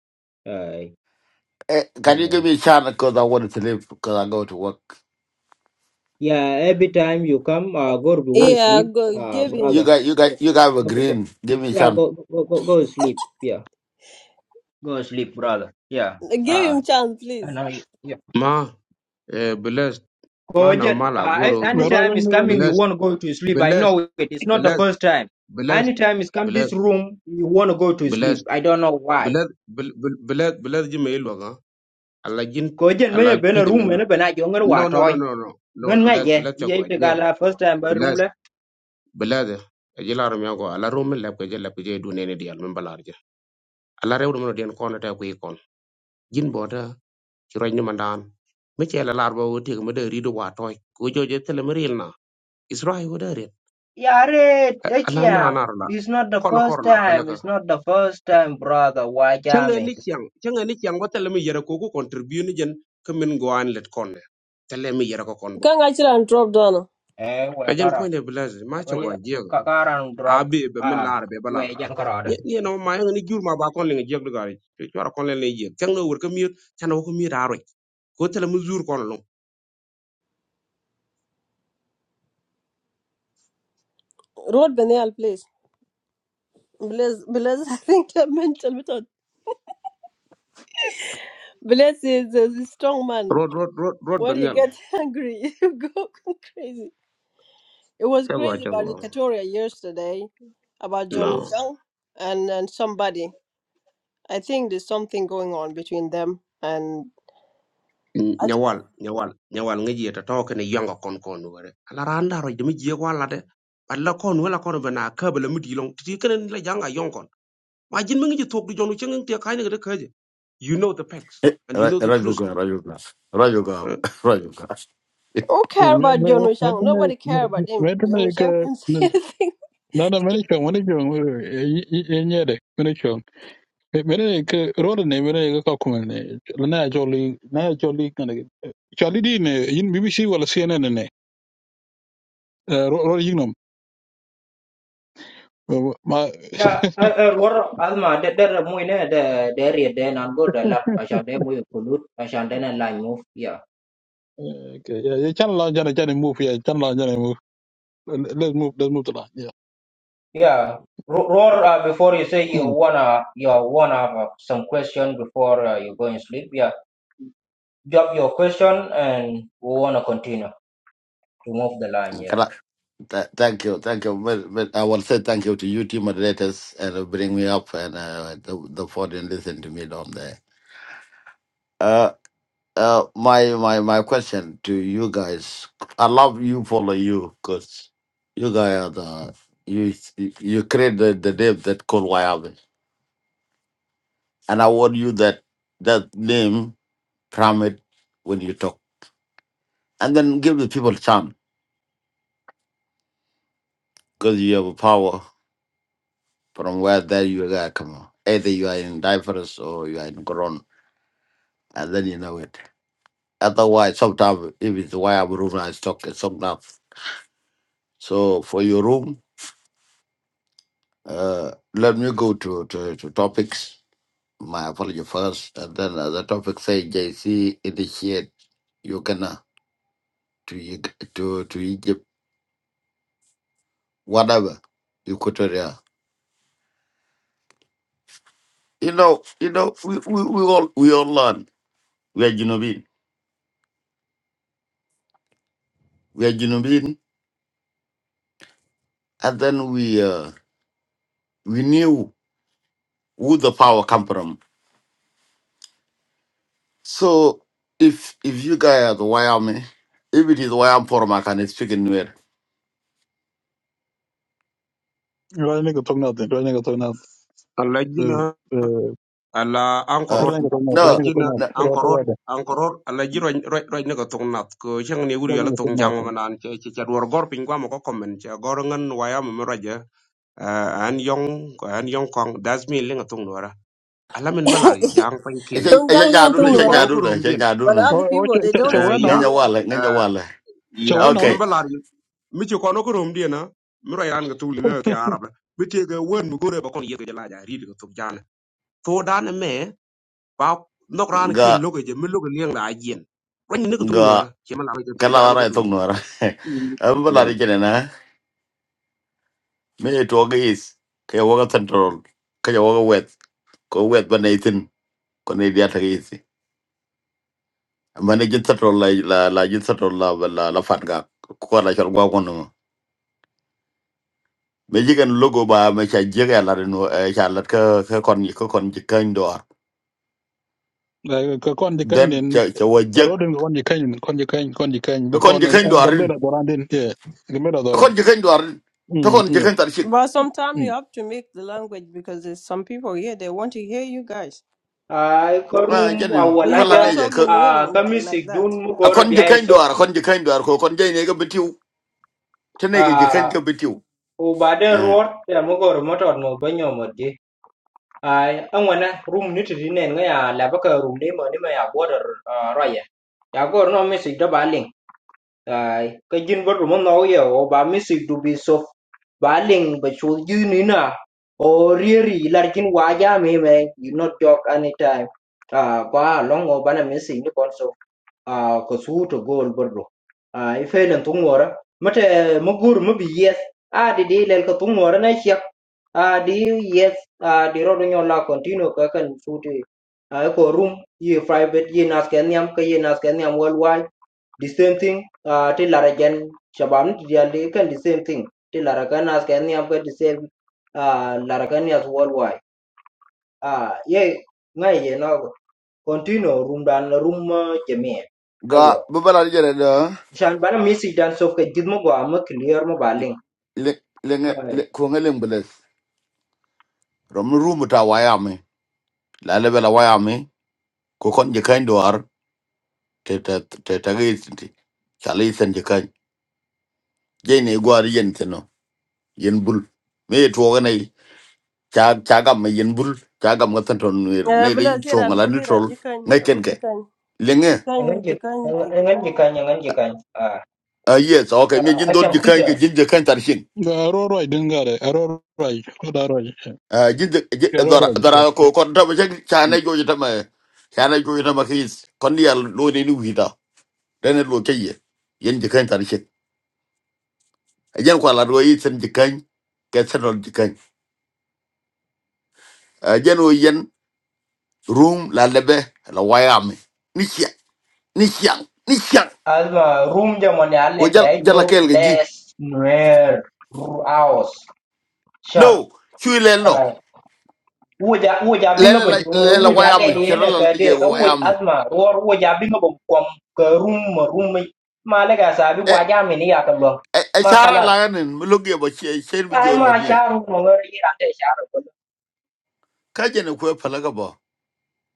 Ay. eh can you give me chana cuz i want to live cuz i go to work Yeah, every time you come, uh, go to go Ah, Yeah, sleep, go, uh, give y- you him, brother. got you got Go, you got a go, go, go- green give me yeah, chana go, go, go, go sleep. Yeah, go sleep, brother. Yeah. give Uh, him chance, and please. I, yeah. ma eh blessed Oh, ma na yeah. ma la Uh, goro Rod, be- Rod, anytime is Rod, coming, you blessed want to go to sleep. I blessed know it. It's not the blessed first time. blessed Anytime is come this blessed room, you want to go to sleep. blessed I don't know why. blessed bl- bl- blessed blessed ji me lo ga ala jin Ko jen ala me been a peje room mem and a bena jongar no no no watoy. no no no Ngan ngai blessed yeah, blessed cha go Ye te gala ajego first time by room bilade eji laaro mi ago ala rum leb ko je leb ko je du nene dial min balar je ala rew dum no den kono ta ko ikon jin bota ci roñ ni mandan mi ci ala laar ba wote ko mede rido wa toy ko joje tele mi ril na israel wo dare Yare ala na Echiang, anar la it's not the kono first kor la time. palaga It's not the first time, brother. Why changa jamming? ni kyang changa ni kyang ko tele mi yere ko ko contribute ni jen ko min go an let kon tele mi yere ko kon bo Can I try and drop down? Eh, ejen whatever. point e bilade ma ci go Apa ajiego Kakaran drop. abe be be min Ah, laar be bala we yang kerada. ye ye no ma ngi jur ma ba kon le ngi jog dugari ci wara kon le lay jek kang no wor ko miet tan ko mi raro ko tele mu jur kon lo Road Benial, please. Bless, bless. [LAUGHS] I think I mental method. Bless is a strong man. rod rod rod rod When ben he yal gets angry, [LAUGHS] he go crazy. It was tego crazy about tego Equatoria yesterday, about John no Wuchang and, and somebody. I think there's something going on between them. And I, nyawal nyawal nyawal ngi jeta to ko ne yonga kon kon wore ala ran daro de mi jek wala de alla kon wala kon bana kabala mu dilong ti kenen la janga yon kon ma jin mi ngi ci tok du jonu ci ngi te kay ne de kaje you know the facts and you know the raju truth. ga raju ga raju ga raju ga [LAUGHS] who care about John Wuchang? Nobody care Rod, about him. Rod, Rod, John Rod, Wuchang can [LAUGHS] Rod, say anything. No, no, mene chong, mene chong, yenye de, mene chong. Mene ke, rode ne, mene ke kakumen ne, na ya jolly, na ya jolly, kane, jolly di ne, yin BBC wala CNN ne, rode yin nom. Ma, Yeah, eh, eh, war alma that There, de de mu the de dari de nango de lap asan de mu kulut asan de na line move. Yeah. ya channel la jana jana move, ya channel la jana move. Let's move, let's move to that, yeah. Yeah. Ro- Roar, uh, before you say you Hmm. wanna you wanna have uh, some question before uh, you go and sleep. Yeah, drop your question and we wanna continue to move the line. Yeah. th- Thank you, thank you. Well, well, I will say thank you to you, team moderators, and uh, bring me up and uh, the, the phone and listen to me down there. Uh, Uh, my my my question to you guys. I love you, follow you, cause you guys are the you you create the, the name that called Wyoming, and I want you that that name from it when you talk, and then give the people chance, cause you have a power from where that you guys come. on. Either you are in diapers or you are in Quran, and then you know it. Otherwise, sometimes if it's why room, I talk it's sometimes. So for your room. Uh, let me go to, to, to topics. My apology first, and then other topic say JC initiate Uganda to Eg- to to Egypt, whatever, Equatoria. You know, you know, we, we, we all we all learn. We are Junobin. We are Junobin, and then we uh, we knew who the power come from. So if if you guys are the Wyoming, if it is Wyoming forum, I can speak in Nuer. Rode ne ke tong natin, rode ne ke tong natin. Rode Allah ala Uh, ankorot ne ke tong na ala rode no. ne ke tong jina no. natin, rode ankorot wede, ankorot ala ji roi roi ne ko tung nat ko chang ne wuri rode ala ne ke tung tong jang natin. manan che che cha duor gor pin kwa mo ko komen cha gor ngan waya mo mo raja Ah, an yong ko an yong kong das mi linga tung dora ala men balar ji [LAUGHS] jang pan kin Echen echen Tongjiang Ling jadu mi ne Tong ji echen Nuer. kono jadu ko ne rom echen dien jadu But ne. O, other o, people, che, they che, don't che, Eh, speak ya weno, Ngenya Nuer. wale ngenya eh, wale. che, ya weno, men Okay. balar mi ji kono ko rom dien na mi roi ran ga tuli na ke arab mi te ga wen mo gore ba kon ye ga la ja ri ga tuk jana to dan me เพราะนอกจากนี้คน Ga ลูกยังไม่ลูกเลี้ยงรายเดือนเพราะนี่นึกถึงหนูหร ga อเชื่อมันเราไปจะตกใจ kala นึก wara ถึง etong นี่ nora. Am bala ri kene na. Me to ga [LAUGHS] is. Kaya waga central. Kaya waga wet. Ko wet ba ne itin. Ko ne dia ta is. Mane jin central la la la jin central la la la fat ga. Ko la chal gwa kono. Me jigen logo ba me cha jega la no e cha lat ka ka kon ni ko kon jikan dor. ka kondi Then kainen, cha cha wa jek. rodin ko wonji kany konji kany the kany be Kon kon jikan dorin gambela doran den ye gambela doran kon jeken dwar to mm kon ye jeken tar chik But sometimes you mm have to make the language because there's some people here, they want to hear you guys. ai có ma room ở janin And ngoài You kon la ne can't ra, je talk ko in Nuer ai cami xích like that. đun mua a cơm kon biếy jeken số, dwar kon jeken dwar ko kon jey ne ga bitiu te ne ga jeken ai ga bitiu ubaden eh ruột thì mua cơm ruột ăn bã nhau mới được, ai anh quan hệ room nút gì nè, anh quan hệ lavaca room này, nhà này mày ở border rai, nhà cơm nó mày xích đói Baleng, ai cái gin vật room nó ở nhà, ubadem xích đụng biếy số, Baleng bách chốt gì nè, ở rì rì, lát gin hóa ra mày mày im not talk anytime, ai qua long ao bán em xích đi con số a ko suuto gool borɗo ay felen tuŋwora mate mugur mubi yes a di di lel ko tuŋwora na shek a di yes a di rodo nyola continue ka kan suuto a ko room ye private ye nas ken yam ka ye nas ken yam worldwide the same thing a ti lara gen shabam ti dialde kan the same thing ti lara kan nas ken yam ka the same a lara kan yas worldwide a ye ngai ye na continue room dan room jemie ga babala jere da Shan bana music dan sof ke jid mo gwa mo clear mo baling. le le nge- le Ai, ko ngelem beles rom rumu ta wayame la le bela wayame ko kon jeken dwar te te te te ga yisinti chali sen jeken jey ne gwar yen teno yen bul me to ga nei cha cha gam me yen bul cha gam ga tanton ne Eh, ne ri Bila sira chonga and la bulir and neutral jikan, ngay wood ken jikan, lenge jikan, jikan. ngan jikan ngan jikan. Ah, ah yes okay me ah, jin dol asham jikan kida. ke jin jikan tarshin ga ro ro den gare ro ro ro da ro ah jin Ga ro dara ro dara ko ko da ba jek chana jo jita ma chana jo jita ma kis kon ya lo ne ni wita dane lo ke ye yen jikan tarshin yen ko la do yi sen jikan ke sen dol jikan ah yen o yen room la lebe la wayam ni sia ni sia ni sia Alma room jamon ya o let jal ya jo jala kel ge ji bless nuer hours. no Sharp. chui lel no Ai, wuja wuja binga lel bo la jo lel la wuja wayam le de chera ne la ka ni de je ka wuj wayam asma ror wuja binga bo kwam ka room ma room mai. Ma le ga sabi waja mi ni ya a Ma chara la khalas. ganin mulugi ba che chen bi jo Ai ma la ni sharu no ngar ka je ne ko pala ga ba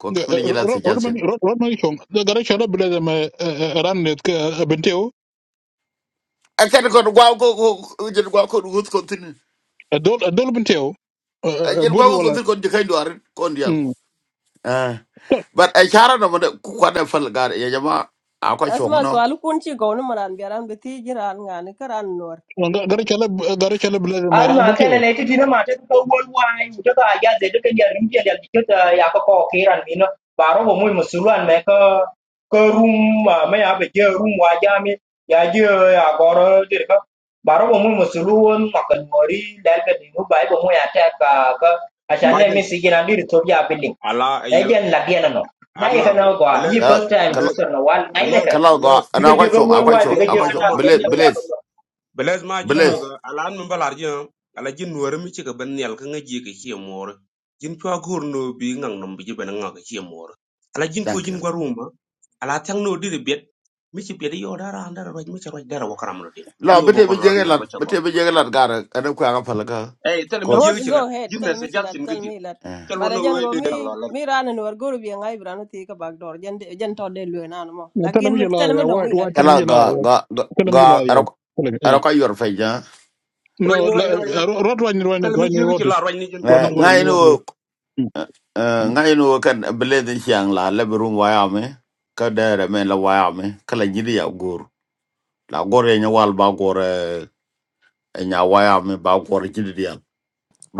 ko Ga kam ni jila ro se ro man jalsen ro ro man chong da gare chara bile da ma ran net ke benteo a kan ko gwa ko ko je gwa ko hut ko tin adol adol benteo a je gwa bur ko wala tin ko de kai doar ko ndial mm eh but a chara no mo ku ka da fal ga ya jama a ko chong Asma no swalu kunchi go no maran biaran beti jiran ngani nuer. gare chala gare chala bile da ma ran Alma kene benteo ne titina nó mà ko wol worldwide, chúng ta giờ để được cái ya de de ya rim ya de to ya ko ko kiran mino baro mo muy musuluan me ko ko rum ma me ya be je rum wa ya mi ya je ya goro de ko baro mo cần musuluan ma kan mori dal ka dinu bai bo cái cái ta cho แม่ nên จัน mình sẽ si gina dir thôi ya billing อาลาเอ e เยล jen là cái no อั na น cái นะ kana ko เบล Y ส์ da first เบ time ล kala ส์ sister nó, no cái เบ ngai ล ne ka ส์ kala เบล ga ส์ diga ana ko je go chong a wol ko wai เบล chong diga ส์ a je ko มาทำ chong kana ไม sen เบ bless ล ya ส์ bless ko เบลส์มาจริงหรือ bless กับอาลาไม่เป็นอะไรจริงอ่ะอาลาจริงหนูเรื่องมิชิกับเนี่ยล่ะคุณยี่ก็เขียนมรดกจริงเพราะกูโนบิเง่งน้องบิ๊กเป็นเง่งเขียนมรดกอาลาจริงคุยจ thank ริง you กว่ารูมอ่ะอาลาทั้งโนดีรีเบตมิชิเปียดยอดาราอันดาร์ไวมิชาร์ไวดาราวัคระมรดินนี่ la อุโบ bete กั bi นร้ je อน ga ยัง la บ่ชั่วปะ bete bi je ga la ga ana ko ga fal ga Ê, tao là mới ko giết Rod, cái chuyện go lật. Giết ahead, mẹ tell me sẽ giáp chilat, chuyện cái tell gì. me that. eh. Cho But luôn I nó rồi go để để me lọ lật. me ran and nuer go to be an ibran tika back door, jan jan to de luenanamo. Like tanam in jela tell me ya don't wa me wa let go. tanam kala jela ga ga ga tanam ga jela ya aro aro ka yor fe ja Rồi no nó rồi nó rồi [LAUGHS] nó. rod wa Tao là mới giết ni Eh, Wane- ngai wane- no wane. Mm, mm. ngai no kan bled chiang la le brum wa ya me ka dere men la wa ya me kala jidi ya gor la gor ye nya wal ba gor eh, e nya wa ya me ba gor jidi ya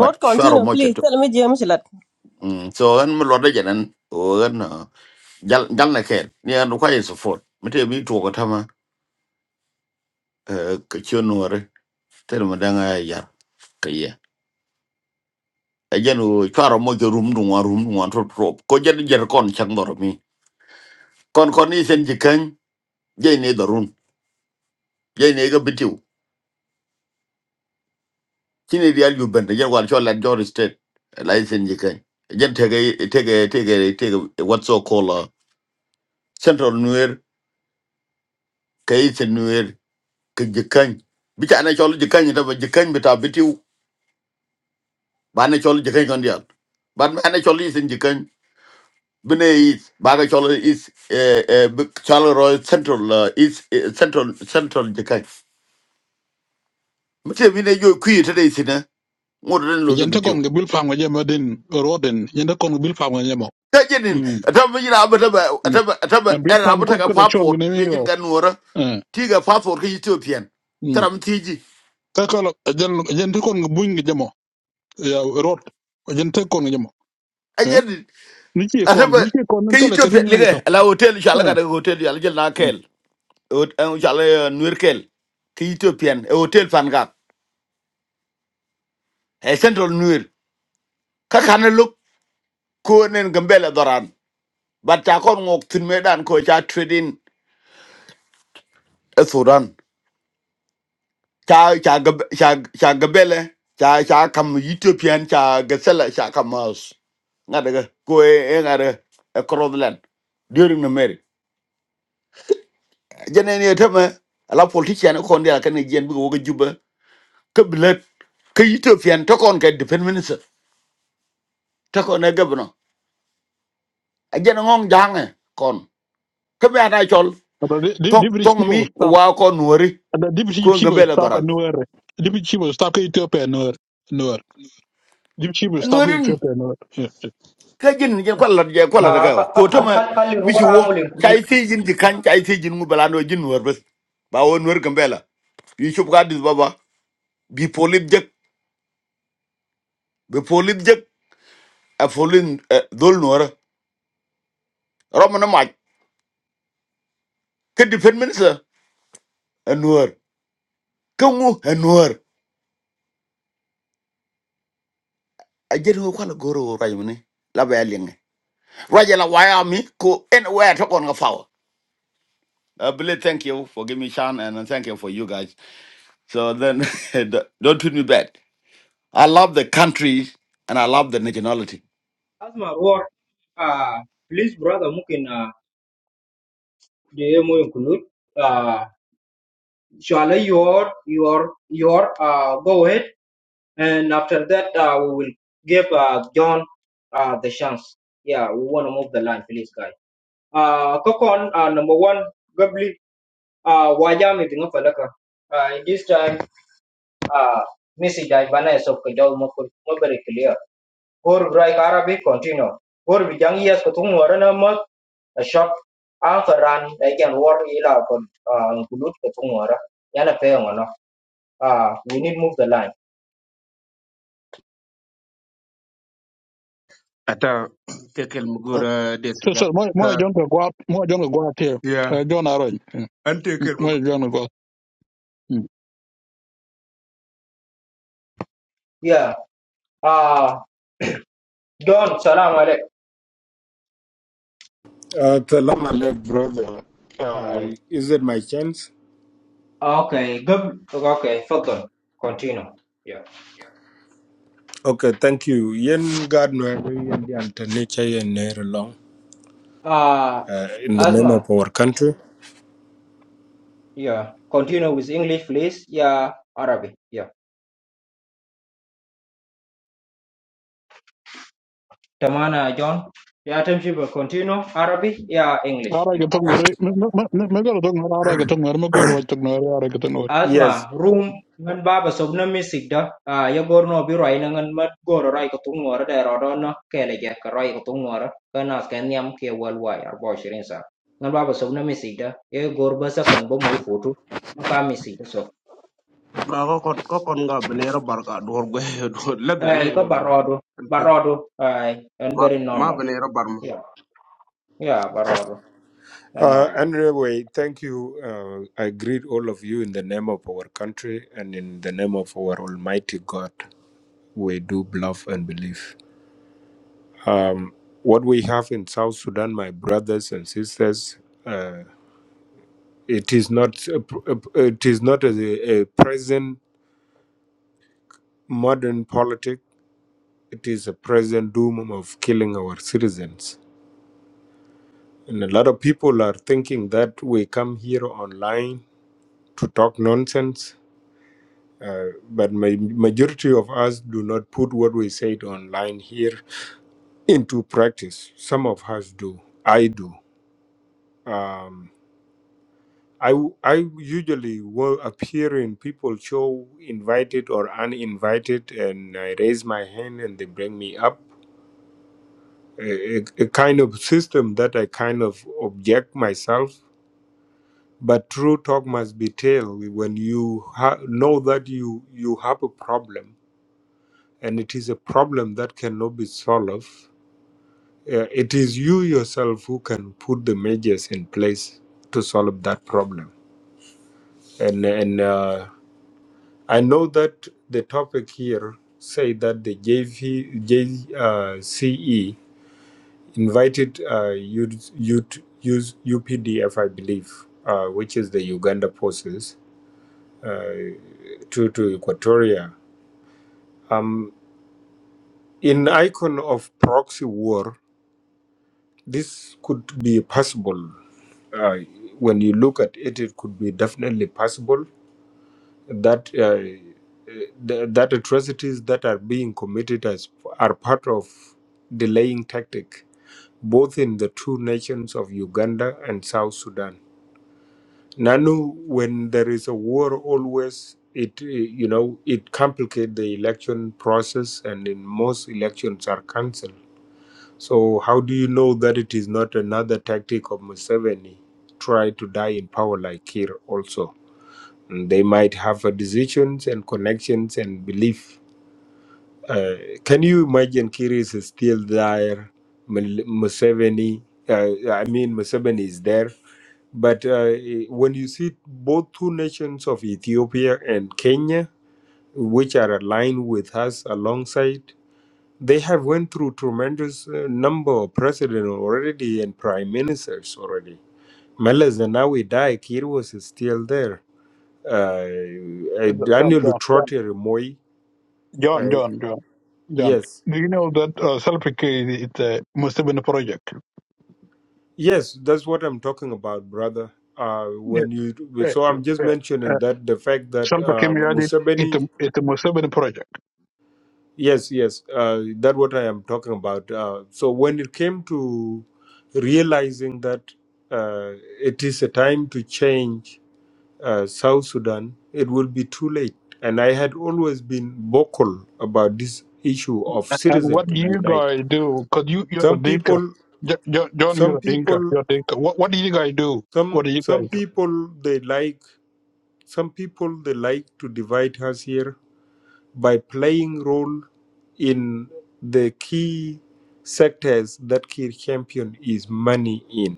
but sure continue, mo che please. to Tell me, James, lad. so an mo lo de janan o an jal jal na ken ni an ko ye support mete mi to ko tama ka chionore ter mo danga ya ejen o chwaro mojo rum dun wa rum dun wa trop trop ko jen jer kon chang doro mi kon kon ni sen jikan je ne darun je ne ga bitiu kini real yu bende jen wal chola jor state lai sen jikan jen tege tege tege tege what so called uh, central nuer kai sen nuer ke jikan bicha na chola jikan ta ba jikan bita bitiu ba na chola jikan kon dial ba na chola sen jikan Bine is baga cholo is eh eh chalo roy central uh, is eh, central central jekai. Mche bine yo kui tada isina ngoto den loge Yente bitio. kon ge bil pam ge jemo din roden. Yente kon ge bil pam ge jemo. k a j i n n Mm, ataba jina a t a ba yeah. ataba ataba A bil era pam abata ko ka kala chol ge passport nemi mejin yo. ka n u r a Eh, tiga passport ka Ethiopian. mm. Taram tiji. Ka kala jen- yente kon ge buin ge jemo. Ya, rot. Yente kon ge jemo. a j a Eh, n ni chi e kon- ataba ni chi e kon nin ka tele ke din Ethiopian ngai lige to. ala hotel shala ka Eh, hotel ala jel na eh. kel. Hotel shala nuer kel. Ka Ethiopian e hotel fan ka. E central nuer. Ka kana konen gambele doran bat cha kon ngok tin medan ko cha trading e sudan cha cha gab- cha cha gambele cha cha kam ethiopian cha gasela cha kam mas ngadaga ko e e ngada e crossland during the marriage jenen ye tama ala politician ko ndia kan jen bi woga juba ke bilet ke ethiopian to kon ke defense minister to kon e gabno a jen ngong jange kon ke be ada chol Ata di- di- tong deputy tong chief mi of staff- wa kon wori ata ko deputy chief of gambele staff a doran nuer. Deputy chief of staff ke Ethiopia a nuer- nuer. Deputy chief of นว staff ke ลิน Ethiopia a nuer. Yeah, เคยยินเกี่ยวกับหลักใจกับหลักอะไร yeah. آه กันเหรอ خ- โค้ خ- ช خ- มา خل خلي ไม่ชั الورا วร์ عامل ใจ انكلود ที่ยินจะขันใจที่ยินกูเป็นหลักนวลินเหรอเพื่อบ่าวนวลินกันเป็นละ YouTube ก็ได้บ่าวบ่าว bipolar jack bipolar jack a polar uh โดนนวลินรามันอันมาแค่ defenseman เองนวลินแค่กูเองนวลินไอเจนกูขวัญก็รออะไรอย่างนี้แล้วไปอะไรเงี้ยรายละวายอามีโคเอ็นเวททุกคนก็เฝ้าบิลเล่ Thank you for giving me chance and thank you for you guys so then [LAUGHS] don't treat me bad I love the country and I love the nationality. اسمع الورا آه بليز براذر ممكن آه دي مو انكلود آه شعلي your your your uh go ahead and after that uh we will give uh John uh the chance yeah we want to move the line please guys uh Kokon uh number one Gabli uh wajam is enough uh in this time uh message I Vanessa of Kajal Mokul very clear Gorbrike Arabic continue. Gor bijang yes kutung warana mat a shop ankaran they can war ila kon uh, kulut kutung wara. Yana pe ngono. Ah we need move the line. Ata ke kel mugur de So, so moi, Ka moi, John ko guap, moi, John ko guap here. ya Uh, John Arroy. ante kel Moi, mugur. John ko guap. Yeah. Ah Don salam alek. Uh, Salam late brother. Uh, Alright. is it my chance? Okay. Good. okay, further. Continue. Yeah. Okay, thank you. Yen God no yen di antanicha yen nere long Ah uh, in the name Asma. of our country. Yeah. Continue with English please. Yeah. Arabic. Yeah. Tamana John. Yeah, Tim continue. Arabic. Yeah, English. Arroy ko tong nari, me me, me, me ko tong nari, Arroy ko tong nari, me ko lo tong nari, Arroy ko tong nari. Yes. asma room ngan baba sob na misik da a ya gor no bi roi na ngan mat gor roi ko tung ngora da ro do no kele ge ka roi ko tung ngora ka nas ka niam ke wal wai ar bo shirin sa ngan baba sob na misik da e gor ba sa kan bo moy fotu ma ka misik da so Ga ko kon ko kon ga bene ro bar ga dor go [LAUGHS] dor la da e ko barodo barodo ai and Ma very ma normal bene ro yeah yeah barodo and Uh, normal anyway, thank you. Uh, I greet all of you in the name of our country and in the name of our Almighty God. We do love and believe. What we have in South Sudan, my brothers and sisters, uh, it is not a, pr- a- it is not a, a present modern politics it is a present doom of killing our citizens. And a lot of people are thinking that we come here online to talk nonsense. Uh, but ma- majority of us do not put what we said online here into practice. Some of us do. I do. Um, I, w- I usually will appear in people show invited or uninvited and I raise my hand and they bring me up a, a a kind of system that I kind of object myself. But true talk must be told when you ha- know that you you have a problem, and it is a problem that cannot be solved. Uh, it is you yourself who can put the measures in place to solve that problem. And and uh, I know that the topic here say that the J V J uh, C E. invited uh, U, U, U, U P D F, I believe, uh, which is the Uganda forces, uh, to, to Equatoria. Um, in icon of proxy war, this could be possible. Uh, when you look at it, it could be definitely possible that uh, th- that atrocities that are being committed as are part of delaying tactic, both in the two nations of Uganda and South Sudan. Nanu, when there is a war, always it eh, you know it complicates the election process, and in most elections are cancelled. So how do you know that it is not another tactic of Museveni try to die in power like here also? And they might have a decisions and connections and belief uh, can you imagine Kiris is still there? Mul- Museveni, uh, I mean, Museveni is there. But uh, when you see both two nations of Ethiopia and Kenya, which are aligned with us alongside, they have went through tremendous uh, number of presidents already and prime ministers already. Meles Zenawi died, Kir was still there. Uh, uh, John, John, Daniel John, Trotter Moi, John, uh, John, John. John. yes, Do you know that uh, Selfie is a Muslim project? Yes, that's what I'm talking about, brother. Uh, Yeah, when you uh, so I'm just uh, mentioning uh, that the fact that uh, Selfie it's a, Museveni, it's a Muslim project. yes, yes, uh, that what I am talking about. Uh, so when it came to realizing that uh, it is a time to change uh, South Sudan, it will be too late. And I had always been vocal about this issue of And citizen what to you unite. guys do, because you, you're a Some dinka. people, Jo- Jo- John, you're some a dinka. people, You're a dinka. What, what do you guys do? some What do you guys some do? people they like. Some people they like to divide us here by playing role in the key sectors that Kir champion is money in.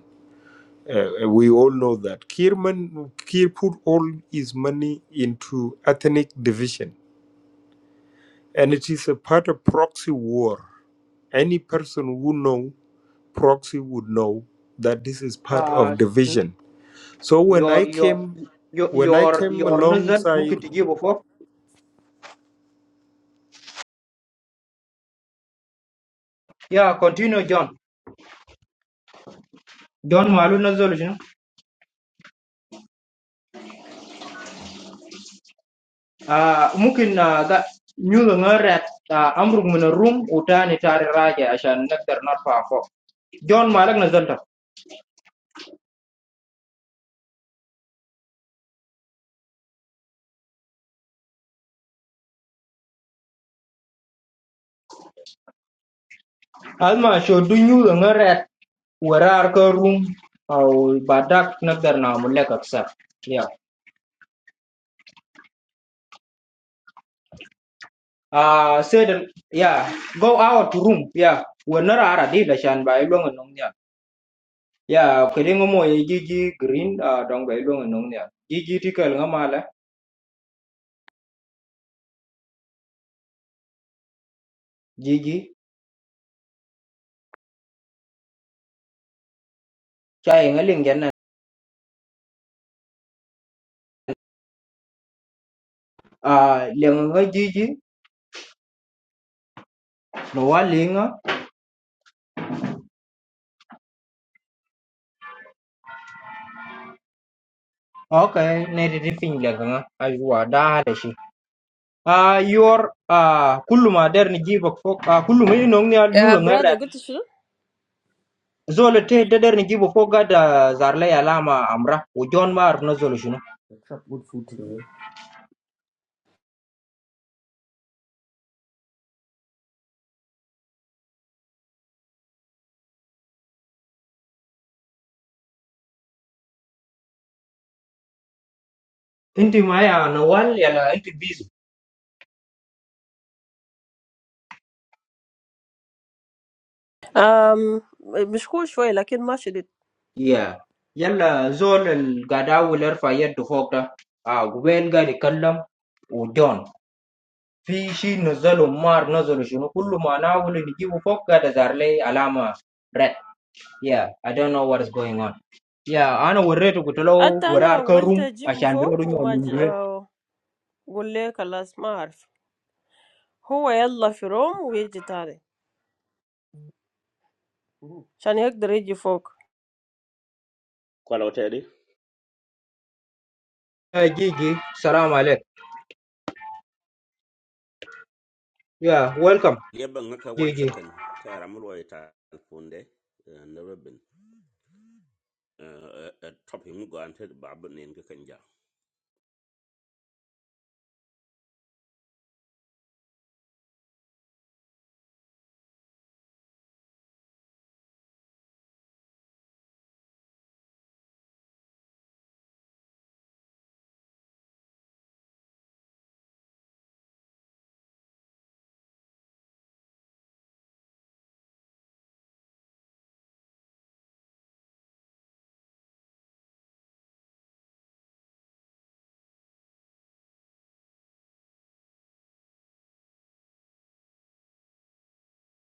Uh, we all know that Kirman Kir put all his money into ethnic division, and it is a part of proxy war. Any person who know proxy would know that this is part uh of n- division. So when I your your came, your when I your came your nazar alongside mungkin tiji before yeah continue john john malu nazar you know à mungkin à cái nhiều lăng rét àm run men run, udan đi chơi raje à shen nectar nắp pháo, John mày là ngớn đó, àm show du nhiều lăng rét, uerar krum àu bạch đắt nectar nà mày là cất sa, yeah à cơn yeah go out run yeah uerar ở đây là shen bảy luôn ngon nha, yeah cái gì ngô mày jiji green à dong bảy luôn ngon nha, jiji tiki ngắm mày là jiji chạy nghe lên cái nè à lên nghe jiji Lower Linga? Okay, nairifin laganga ajua da da shi. Ah, your ah kullu ma der ni gibo fo ah kullu mai nong ni al nyu يا ngara. برادر قلت شنو؟ Zolo te da der ni gibo fo ga da zarla ya lama amra o John Mar na zolo shino. Inti ma ya na wal ya la inti busy. Um, مشكور شوي لكن ما شديد. Yeah. Yalla zol al gada wular fa yaddu fo da. Ah gubel ga di kallam o John. Fi shi na zolo mar na zolo shino kullu ma na wulu ni gibo fo ga da zarla ya alama red. Yeah, I don't know what is going on. Yeah, I ana wurre to kutolo حتى wurre أنا arka حاولت room I أجيبه ashan biro فوق dunyo وما ج... lundwe. آه، قول لي خلاص ما أعرف. هو يلا في روم ويجي تاني عشان يقدر يجي فوق. kwalo tedi Gigi, salam alek. Yeah, welcome. Lieba ngaka one Gigi. second. Tara mulwa ita alfunde eh, na robin. A topic mugo ante babu ne ngaka